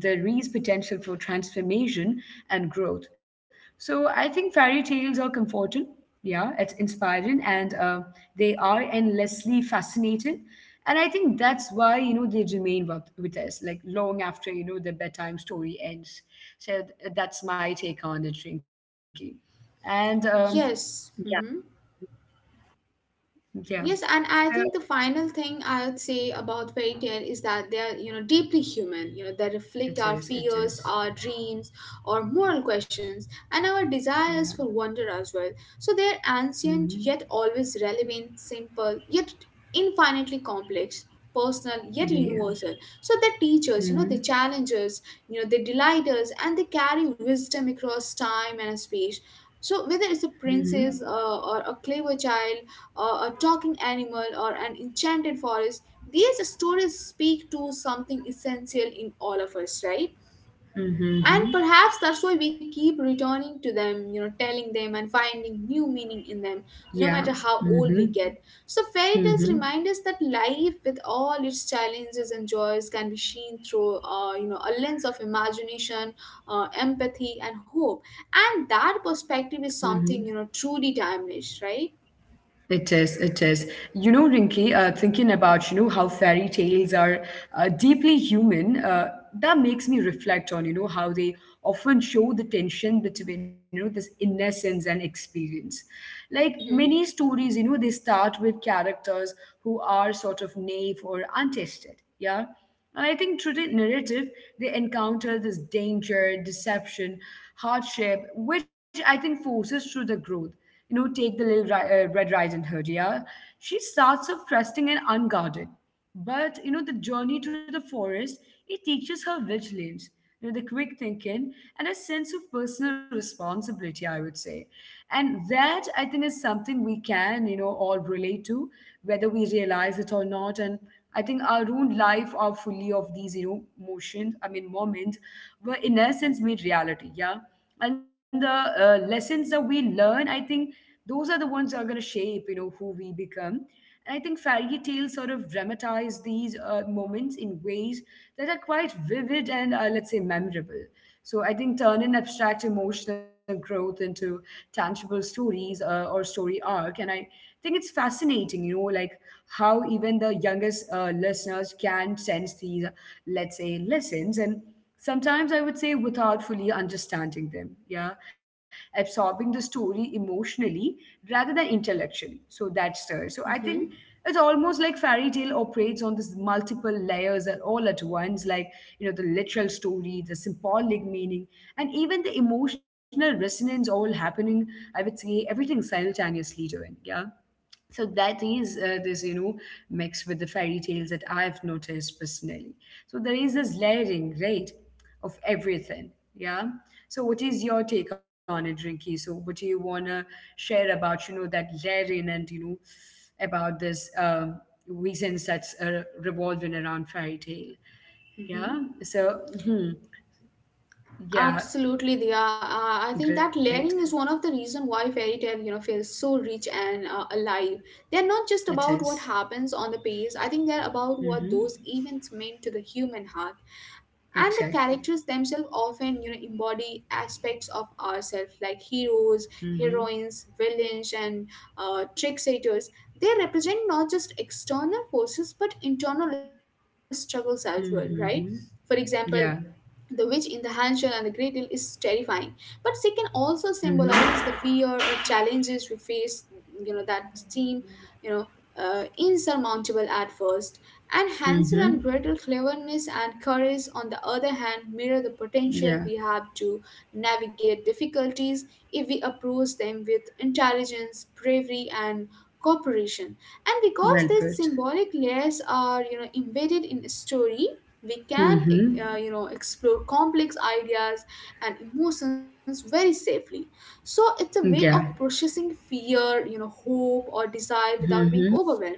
A: and there is potential for transformation and growth. So I think fairy tales are comforting, yeah, it's inspiring, and they are endlessly fascinating. And I think that's why, they remain with us, like long after, the bedtime story ends. So that's my take on it, Rinky. And
B: Yes.
A: yeah,
B: Mhm. Yes,
A: yeah.
B: and I think the
A: So
B: final thing I would say about fairy tale is that they are, you know, deeply human. You know, they reflect our
A: it is,
B: fears,
A: it
B: our
A: is.
B: dreams, our moral questions, and our desires
A: Yeah.
B: for wonder as well. So they are ancient
A: Mm-hmm.
B: yet always relevant, simple yet infinitely complex, personal yet
A: They are.
B: universal. So they teach us, you know,
A: Mm-hmm.
B: they challenge us, you know, they delight us, and they carry wisdom across time and space. So whether it's a
A: Mm-hmm.
B: princess, or a clever child, a talking animal, or an enchanted forest, these stories speak to something essential in all of us, right?
A: Mm-hmm.
B: And
A: Mm-hmm.
B: perhaps that's why we keep returning to them, you know, telling them and finding new meaning in them,
A: Yeah.
B: no matter how
A: Mm-hmm.
B: old we get. So fairy tales
A: Mm-hmm.
B: remind us that life, with all its challenges and joys, can be seen through, you know, a lens of imagination, empathy, and hope. And that
A: Mm-hmm.
B: perspective is something, you know, truly timeless, right?
A: It is, it is. You know, Rinki, thinking about, how fairy tales are deeply human, that makes me reflect on, how they often show the tension between, this innocence and experience. Like many
B: Mm-hmm.
A: stories, they start with characters who are sort of naive or untested, yeah? And I think through the narrative, they encounter this danger, deception, hardship, which I think forces through the growth. You know, take the little Red Riding Hood, yeah? She starts off trusting and unguarded. But, the journey to the forest, it teaches her vigilance, the quick thinking, and a sense of personal responsibility, I would say. And that, I think, is something we can, all relate to, whether we realize it or not. And I think our own life are fully of these, motions, I mean, moments were in essence made reality, yeah? And the lessons that we learn, I think those are the ones that are going to shape who we become. And I think fairy tales sort of dramatize these moments in ways that are quite vivid and let's say memorable. So I think turn in abstract emotional growth into tangible stories or story arc. And I think it's fascinating, like how even the youngest listeners can sense these, let's say, lessons and sometimes, I would say, without fully understanding them, yeah, absorbing the story emotionally rather than intellectually. So that's there. So I think
B: Mm-hmm.
A: it's almost like fairy tale operates on this multiple layers and all at once, like the literal story, the symbolic meaning, and even the emotional resonance all happening. I would say everything simultaneously doing, yeah. So that is this, mix with the fairy tales that I've noticed personally. So there is this layering, right, of everything. Yeah. So what is your take on it, Rinky? So what do you wanna share about, that layering and about this reasons that's revolving around fairy tale?
B: Hmm.
A: Yeah. So hmm. Yeah,
B: Absolutely, Diya. I think that
A: great.
B: layering is one of the reason why fairy tale, you know, feels so rich and alive. They're not just
A: It
B: about
A: is.
B: what happens on the page. I think they're about what
A: Mm-hmm.
B: those events mean to the human heart, and the characters
A: Exactly.
B: themselves often, you know, embody aspects of ourselves, like heroes,
A: Mm-hmm.
B: heroines, villains, and tricksters. They represent not just external forces but internal struggles as well, right? For
A: Mm-hmm.
B: example,
A: Yeah.
B: the witch in the handshell and the great deal is terrifying, but she can also symbolize
A: Mm-hmm.
B: the fear or challenges we face, you know, that seem, you know, insurmountable at first. And Hansel and
A: Mm-hmm.
B: Gretel cleverness and courage, on the other hand, mirror the potential
A: Yeah.
B: we have to navigate difficulties if we approach them with intelligence, bravery, and cooperation. And because
A: Well
B: these
A: put.
B: symbolic layers are, you know, embedded in a story, we can
A: Mm-hmm.
B: you know, explore complex ideas and emotions very safely. So it's a way
A: Yeah.
B: of processing fear, you know, hope or desire without being
A: Mm-hmm.
B: overwhelmed.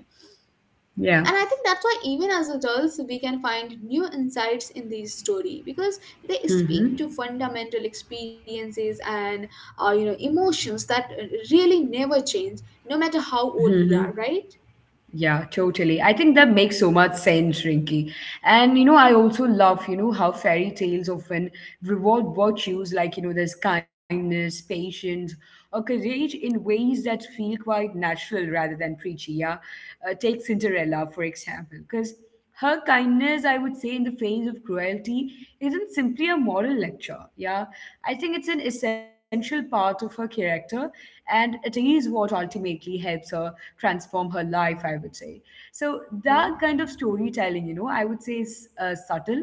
A: Yeah.
B: And I think that's why even as adults we can find new insights in these story, because they speak
A: Mm-hmm.
B: to fundamental experiences and, you know, emotions that really never change, no matter how
A: Mm-hmm.
B: old we are, right?
A: Yeah, totally. I think that makes so much sense, Rinky. And I also love, how fairy tales often reward virtues like, there's kindness, patience, or courage in ways that feel quite natural rather than preachy. Yeah. Take Cinderella, for example, because her kindness, I would say, in the face of cruelty isn't simply a moral lecture. Yeah, I think it's an essential part of her character, and it is what ultimately helps her transform her life, I would say. So that kind of
B: Mm-hmm.
A: storytelling, you know, I would say is subtle,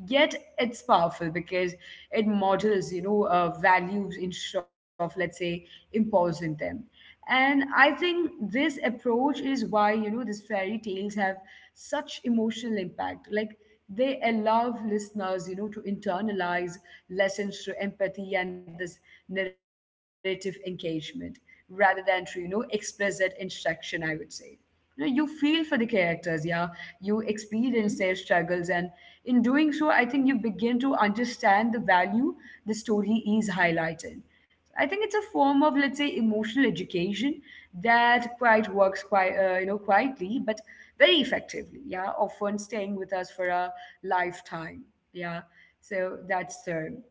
A: yet it's powerful because it models, you know, values instead of, let's say, imposing them. And I think this approach is why, you know, these fairy tales have such emotional impact. Like, they allow listeners, you know, to internalize lessons through empathy and this narrative engagement rather than to, you know, explicit instruction, I would say. You feel for the characters. Yeah, you experience their
B: Mm-hmm.
A: struggles, and in doing so, I think you begin to understand the value the story is highlighting. I think it's a form of, let's say, emotional education that quite works quite you know, quietly, but very effectively. Yeah, often staying with us for a lifetime. Yeah. So that's the—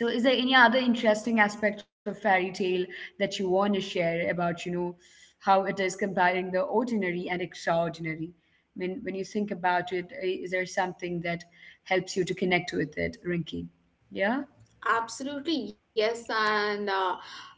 A: Is there any other interesting aspect of fairy tale that you want to share about, you know, how it is comparing the ordinary and extraordinary? I mean, when you think about it, is there something that helps you to connect with it, Rinky? Yeah?
B: Absolutely, yes. And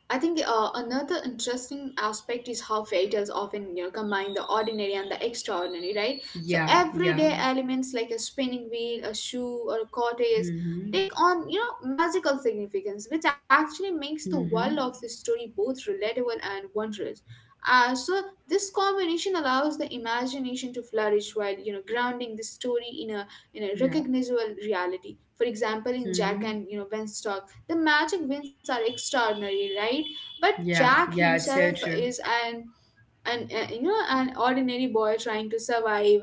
B: I think another interesting aspect is how fairy tales often, you know, combine the ordinary and the extraordinary, right? So
A: Yeah,
B: everyday
A: yeah.
B: elements like a spinning wheel, a shoe, or a cottage
A: Mm-hmm.
B: take on, you know, magical significance, which actually makes the
A: Mm-hmm.
B: world of the story both relatable and wondrous. So this combination allows the imagination to flourish while, you know, grounding the story in a, you know,
A: Yeah.
B: recognizable reality. For example, in Jack and,
A: Mm-hmm.
B: you know, Beanstalk, the magic winds are extraordinary, right? But
A: Yeah,
B: Jack
A: yeah, it's so
B: himself
A: true.
B: is an you know, an ordinary boy trying to survive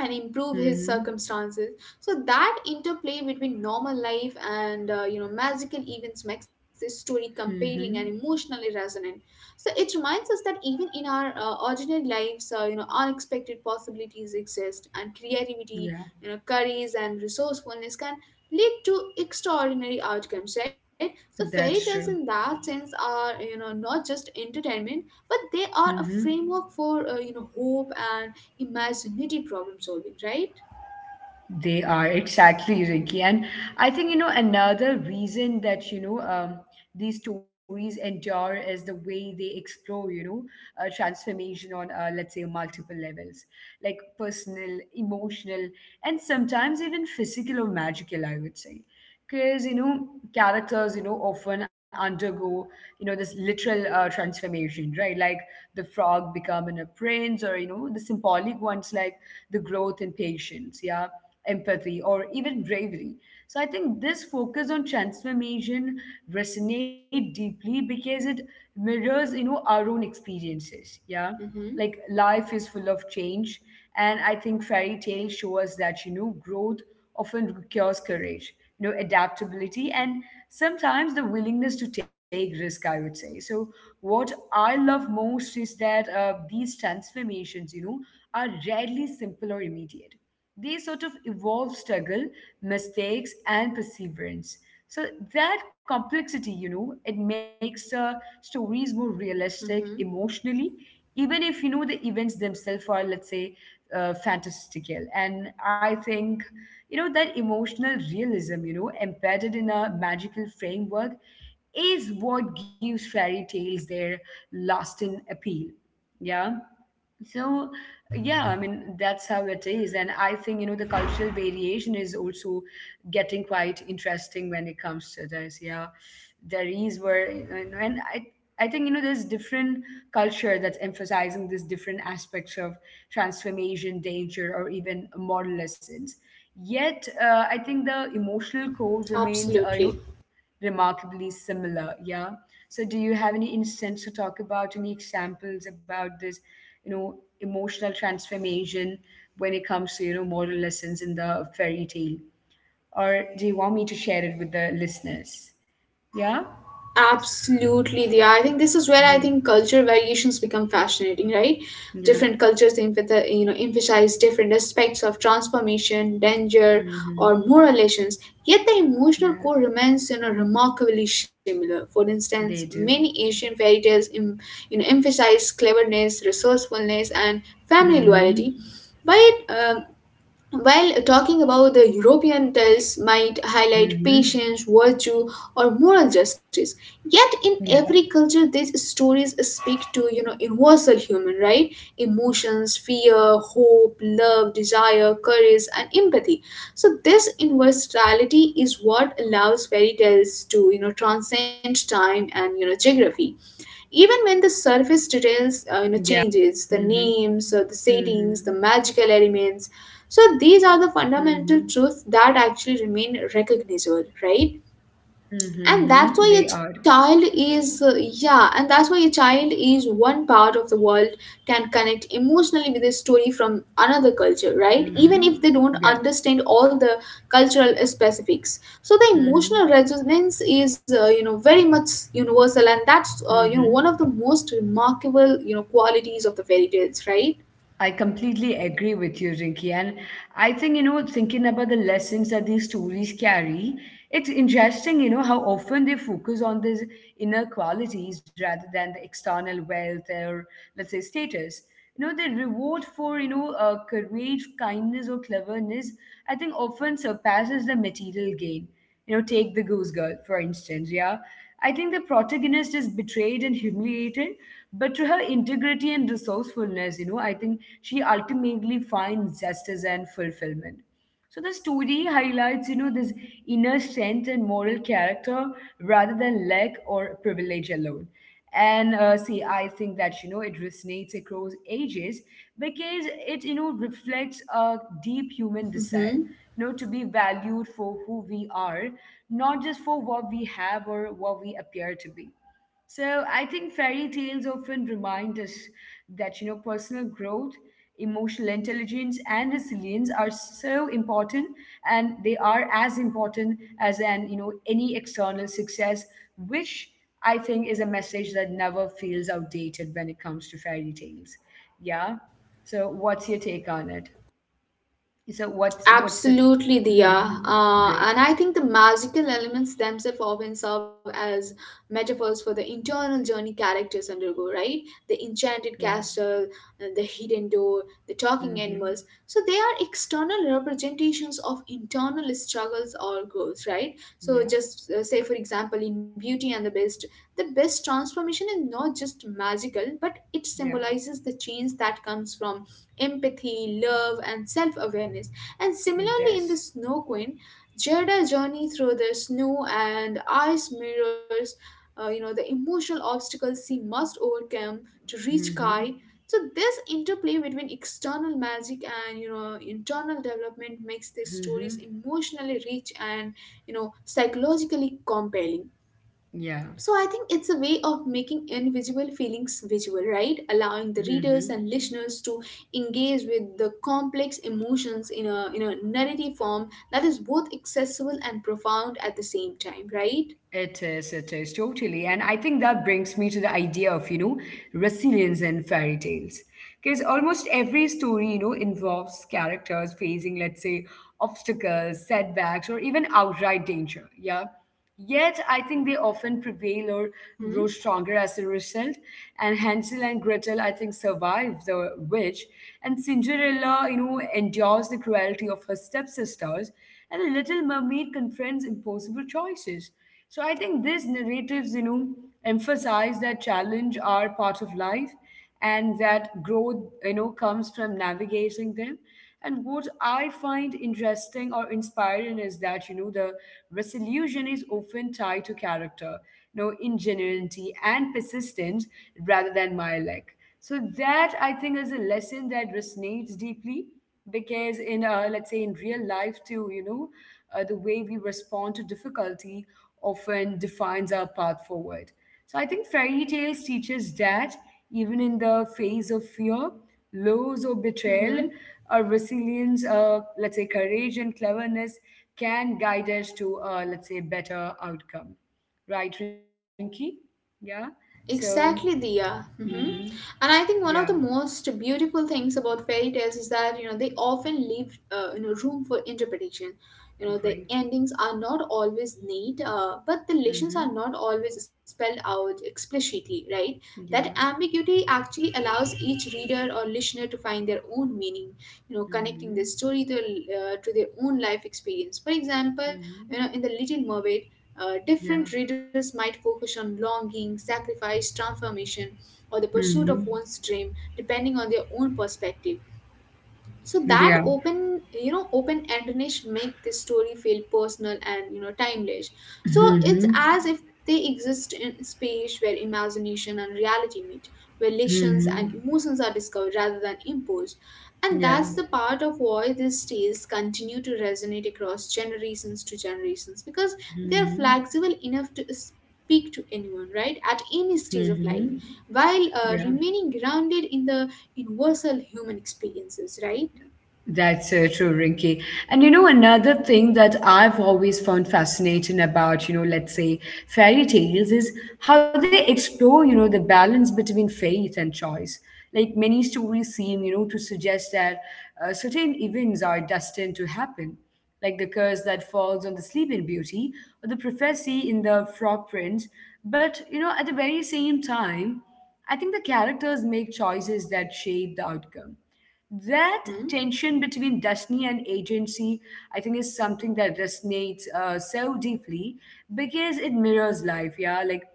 B: and improve his
A: Mm-hmm.
B: circumstances. So that interplay between normal life and, you know, magical events makes this story compelling and
A: Mm-hmm.
B: emotionally resonant. So it reminds us that even in our, ordinary lives, you know, unexpected possibilities exist, and creativity,
A: Yeah,
B: you know, courage and resourcefulness can lead to extraordinary outcomes, right? So fairy tales
A: that's
B: in
A: true.
B: that sense are, you know, not just entertainment, but they are a framework for, you know, hope and imagine problem solving, right?
A: They are, exactly, Ricky. And I think, you know, another reason that, you know, these stories endure is the way they explore, you know, transformation on, let's say, multiple levels, like personal, emotional, and sometimes even physical or magical, I would say. Because, you know, characters, you know, often undergo, you know, this literal transformation, right? Like the frog becoming a prince, or, you know, the symbolic ones like the growth in patience, yeah, empathy, or even bravery. So I think this focus on transformation resonate deeply because it mirrors, you know, our own experiences. Yeah, like,
B: Mm-hmm.
A: life is full of change, and I think fairy tales show us that, you know, growth often requires courage, you know, adaptability, and sometimes the willingness to take risk, I would say. So what I love most is that these transformations, you know, are rarely simple or immediate. They sort of evolve struggle, mistakes, and perseverance. So that complexity, you know, it makes the stories more realistic
B: Mm-hmm.
A: emotionally, even if, you know, the events themselves are, let's say, fantastical. And I think, you know, that emotional realism, you know, embedded in a magical framework is what gives fairy tales their lasting appeal. Yeah. So, yeah, I mean, that's how it is. And I think, you know, the cultural variation is also getting quite interesting when it comes to this. Yeah, there is where, you know, and I think, you know, there's different culture that's emphasizing these different aspects of transformation, danger, or even moral lessons. Yet I think the emotional core remains, you know,
B: Absolutely.
A: remarkably similar. Yeah. So, do you have any instance to talk about, any examples about this, you know, emotional transformation when it comes to, you know, moral lessons in the fairy tale? Or do you want me to share it with the listeners? Yeah.
B: Absolutely, yeah. I think this is where I
A: Mhm.
B: think culture variations become fascinating, right?
A: Yeah.
B: Different cultures you know, emphasize different aspects of transformation, danger,
A: Mhm.
B: or moral lessons. Yet the emotional
A: Yeah.
B: core remains, you know, remarkably similar. For instance,
A: They
B: many
A: do.
B: Asian fairy tales you know, emphasize cleverness, resourcefulness, and family loyalty.
A: Hmm.
B: But uh, While talking about the European tales might highlight
A: Hmm.
B: patience, virtue, or moral justice, yet in
A: Yeah.
B: every culture these stories speak to, you know, universal human right
A: Yeah, they do.
B: emotions,
A: Yeah.
B: fear,
A: So
B: hope, love,
A: that
B: desire,
A: is
B: courage,
A: there.
B: and
A: Yeah.
B: empathy.
A: Like—
B: So this
A: So,
B: universality
A: yeah,
B: is
A: even,
B: what
A: you know,
B: allows fairy
A: when it
B: tales to, you
A: comes
B: know,
A: to that,
B: transcend time and, you know, geography,
A: yeah,
B: even when the
A: totally.
B: surface details, you know,
A: Mm-hmm.
B: changes, the names or
A: Mm-hmm.
B: the settings, the magical elements. So these are the
A: Mm-hmm.
B: fundamental truths that actually remain recognizable, right?
A: Mm-hmm.
B: and
A: Mm-hmm.
B: that's
A: They
B: why a
A: are.
B: child is Yeah, and that's why a child is one part of the world can connect emotionally with a story from another culture, right, even
A: Mm-hmm.
B: if they don't
A: Yeah.
B: understand all the cultural specifics. So the
A: Mm-hmm.
B: emotional resonance is, you know, very much universal, and that's, you know, one of the
A: Mm-hmm.
B: most remarkable, you know, qualities of the fairy tales, right?
A: I completely agree with you, Rinki. And I think, you know, thinking about the lessons that these stories carry, it's interesting, you know, how often they focus on these inner qualities rather than the external wealth or, let's say, status. You know, the reward for, you know, courage, kindness, or cleverness, I think often surpasses the material gain. You know, take the Goose Girl, for instance, yeah. I think the protagonist is betrayed and humiliated, but through her integrity and resourcefulness, you know, I think she ultimately finds justice and fulfillment. So the story highlights, you know, this inner strength and moral character rather than lack or privilege alone. And see, I think that, you know, it resonates across ages because it, you know, reflects a deep human desire,
B: Mm-hmm.
A: you know, to be valued for who we are, not just for what we have or what we appear to be. So I think fairy tales often remind us that, you know, personal growth, emotional intelligence, and resilience are so important, and they are as important as an, you know, any external success, which I think is a message that never feels outdated when it comes to fairy tales. Yeah. So what's your take on it? So what's it?
B: Absolutely, Diya.
A: Hmm. Great.
B: And I think the magical elements themselves often serve as metaphors for the internal journey characters undergo, right? The enchanted
A: Yeah.
B: castle, the hidden door, the talking
A: Hmm.
B: animals. So they are external representations of internal struggles or goals, right? So
A: Yeah.
B: just, say, for example, in Beauty and the Beast transformation is not just magical, but it
A: Yeah.
B: symbolizes the change that comes from empathy, love, and self awareness. And
A: It
B: similarly, in The
A: does.
B: Snow Queen, Jada's journey through the snow and ice mirrors, you know, the emotional obstacles she must overcome to reach
A: Hmm.
B: Kai. So this interplay between external magic and, you know, internal development makes these stories
A: Hmm.
B: emotionally rich and, you know, psychologically compelling.
A: Yeah.
B: So I think it's a way of making invisible feelings visual, right? Allowing the readers
A: Hmm.
B: and listeners to engage with the complex emotions in a narrative form that is both accessible and profound at the same time, right?
A: It is, totally. And I think that brings me to the idea of, you know, resilience in fairy tales. Because almost every story, you know, involves characters facing, let's say, obstacles, setbacks, or even outright danger. Yeah. Yet I think they often prevail or
B: Mm-hmm.
A: grow stronger as a result. And Hansel and Gretel, I think, survive the witch. And Cinderella, you know, endures the cruelty of her stepsisters. And the little mermaid confronts impossible choices. So I think these narratives, you know, emphasize that challenge are part of life, and that growth, you know, comes from navigating them. And what I find interesting or inspiring is that, you know, the resolution is often tied to character, you know, ingenuity and persistence rather than my lack. So that, I think, is a lesson that resonates deeply because in, let's say, in real life too, you know, the way we respond to difficulty often defines our path forward. So I think fairy tales teaches that even in the face of fear, loss, or betrayal,
B: Mm-hmm.
A: our resilience, let's say, courage and cleverness can guide us to, let's say, better outcome, right, Rinky? Yeah. So,
B: Exactly, Diya.
A: mm-hmm.
B: Hmm. And I think one
A: Yeah.
B: of the most beautiful things about fairy tales is that, you know, they often leave, you know, room for interpretation. You know, the
A: Great.
B: endings are not always neat, but the lessons
A: Mm-hmm.
B: are not always spelled out explicitly, right? That
A: Yeah.
B: ambiguity actually allows each reader or listener to find their own meaning, you know, connecting the
A: Mm-hmm.
B: story to, to their own life experience. For example,
A: Mm-hmm.
B: you know, in the Little Mermaid,
A: Yeah.
B: different readers might focus on longing, sacrifice, transformation, or the pursuit of
A: Mm-hmm.
B: one's dream, depending on their own perspective. So that
A: Yeah.
B: open, you know, open endedness make this story feel personal and, you know, timeless. So it's
A: Mm-hmm.
B: as if they exist in space where imagination and reality meet, where lessons and
A: Mm-hmm.
B: emotions are discovered rather than imposed. And
A: Yeah.
B: that's the part of why these tales continue to resonate across generations to generations, because they're
A: Mm-hmm.
B: flexible enough to speak to anyone, right, at any stage of
A: Mm-hmm.
B: life, while
A: Yeah.
B: remaining grounded in the universal human experiences, right?
A: That's so true, Rinky. And you know, another thing that I've always found fascinating about, you know, let's say, fairy tales is how they explore, you know, the balance between faith and choice. Like many stories seem, you know, to suggest that certain events are destined to happen, like the curse that falls on the Sleeping Beauty or the prophecy in the Frog Prince. But, you know, at the very same time, I think the characters make choices that shape the outcome. That
B: Mm-hmm.
A: tension between destiny and agency, I think, is something that resonates so deeply because it mirrors life. Yeah, like,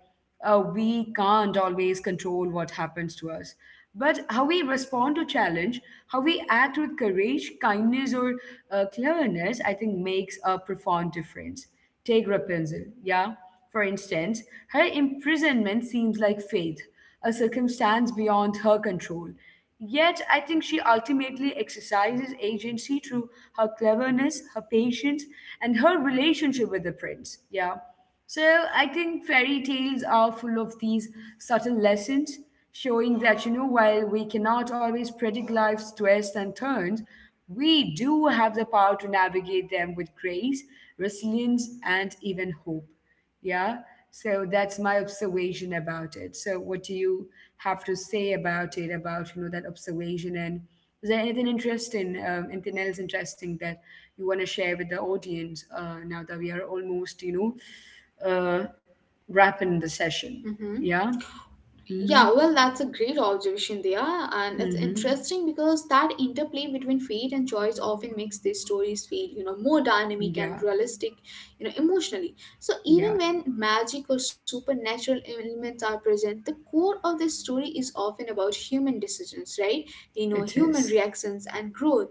A: we can't always control what happens to us, but how we respond to challenge, how we act with courage, kindness, or cleverness, I think, makes a profound difference. Take Rapunzel, yeah, for instance. Her imprisonment seems like fate, a circumstance beyond her control. Yet, I think she ultimately exercises agency through her cleverness, her patience, and her relationship with the prince. Yeah. So, I think fairy tales are full of these subtle lessons, showing that, you know, while we cannot always predict life's twists and turns, we do have the power to navigate them with grace, resilience, and even hope. Yeah. So that's my observation about it. So what do you have to say about it, about, you know, that observation? And is there anything interesting, anything else interesting that you want to share with the audience now that we are almost, you know, wrapping the session?
B: Mm-hmm.
A: Yeah. Hmm.
B: Yeah, well, that's a great observation there, and it's
A: Hmm.
B: interesting because that interplay between fate and choice often makes these stories feel, you know, more dynamic and
A: Yeah.
B: realistic, you know, emotionally. So even
A: Yeah.
B: when magic or supernatural elements are present, the core of the story is often about human decisions, right? You know,
A: It
B: human
A: is.
B: reactions and growth.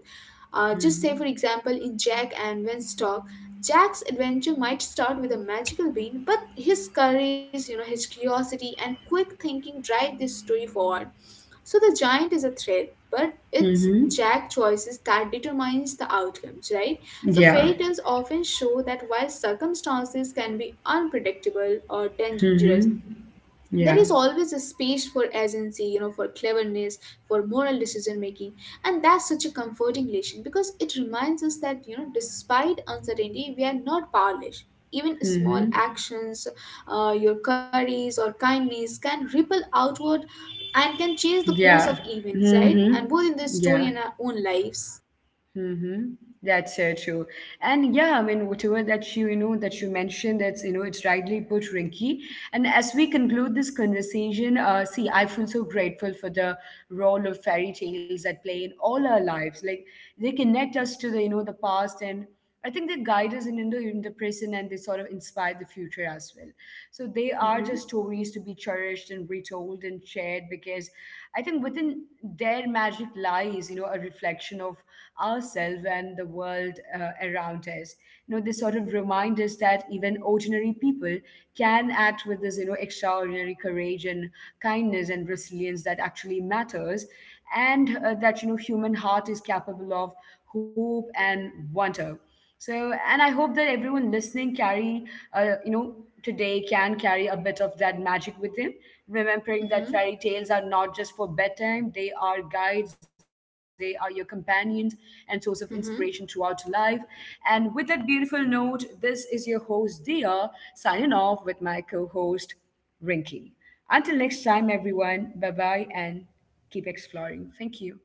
B: Just say,
A: Mm-hmm.
B: for example, in Jack and Winstock, Jack's adventure might start with a magical bean, but his courage, you know, his curiosity and quick thinking drive this story forward. So the giant is a threat, but it's
A: Mm-hmm.
B: Jack's choices that determines the outcomes, right? So
A: Yeah.
B: fairy tales often show that while circumstances can be unpredictable or dangerous,
A: Mm-hmm.
B: there
A: Yeah.
B: is always a space for agency, you know, for cleverness, for moral decision making. And that's such a comforting lesson because it reminds us that, you know, despite uncertainty we are not powerless. Even small
A: Mm-hmm.
B: actions, your courage or kindness can ripple outward and can change the course of
A: Yeah.
B: events, right,
A: Mm-hmm.
B: and both in this story
A: Yeah.
B: and our own lives.
A: Mm-hmm. That's so true. And yeah, I mean, whatever that you know, that you mentioned, that's, you know, it's rightly put, Rinky. And as we conclude this conversation, see, I feel so grateful for the role of fairy tales that play in all our lives. Like, they connect us to the, you know, the past, and I think they guide us in the present, and they sort of inspire the future as well. So they
B: Mm-hmm,
A: are just stories to be cherished and retold and shared because I think within their magic lies, you know, a reflection of ourselves and the world around us. You know, they sort of remind us that even ordinary people can act with this, you know, extraordinary courage and kindness and resilience that actually matters, and that, you know, human heart is capable of hope and wonder. So, and I hope that everyone listening carry, you know, today can carry a bit of that magic with them, remembering that
B: mm-hmm,
A: fairy tales are not just for bedtime, they are guides, they are your companions and source of inspiration throughout
B: mm-hmm.
A: life. And with that beautiful note, this is your host, Dia, signing off with my co host, Rinky. Until next time, everyone, bye bye, and keep exploring. Thank you.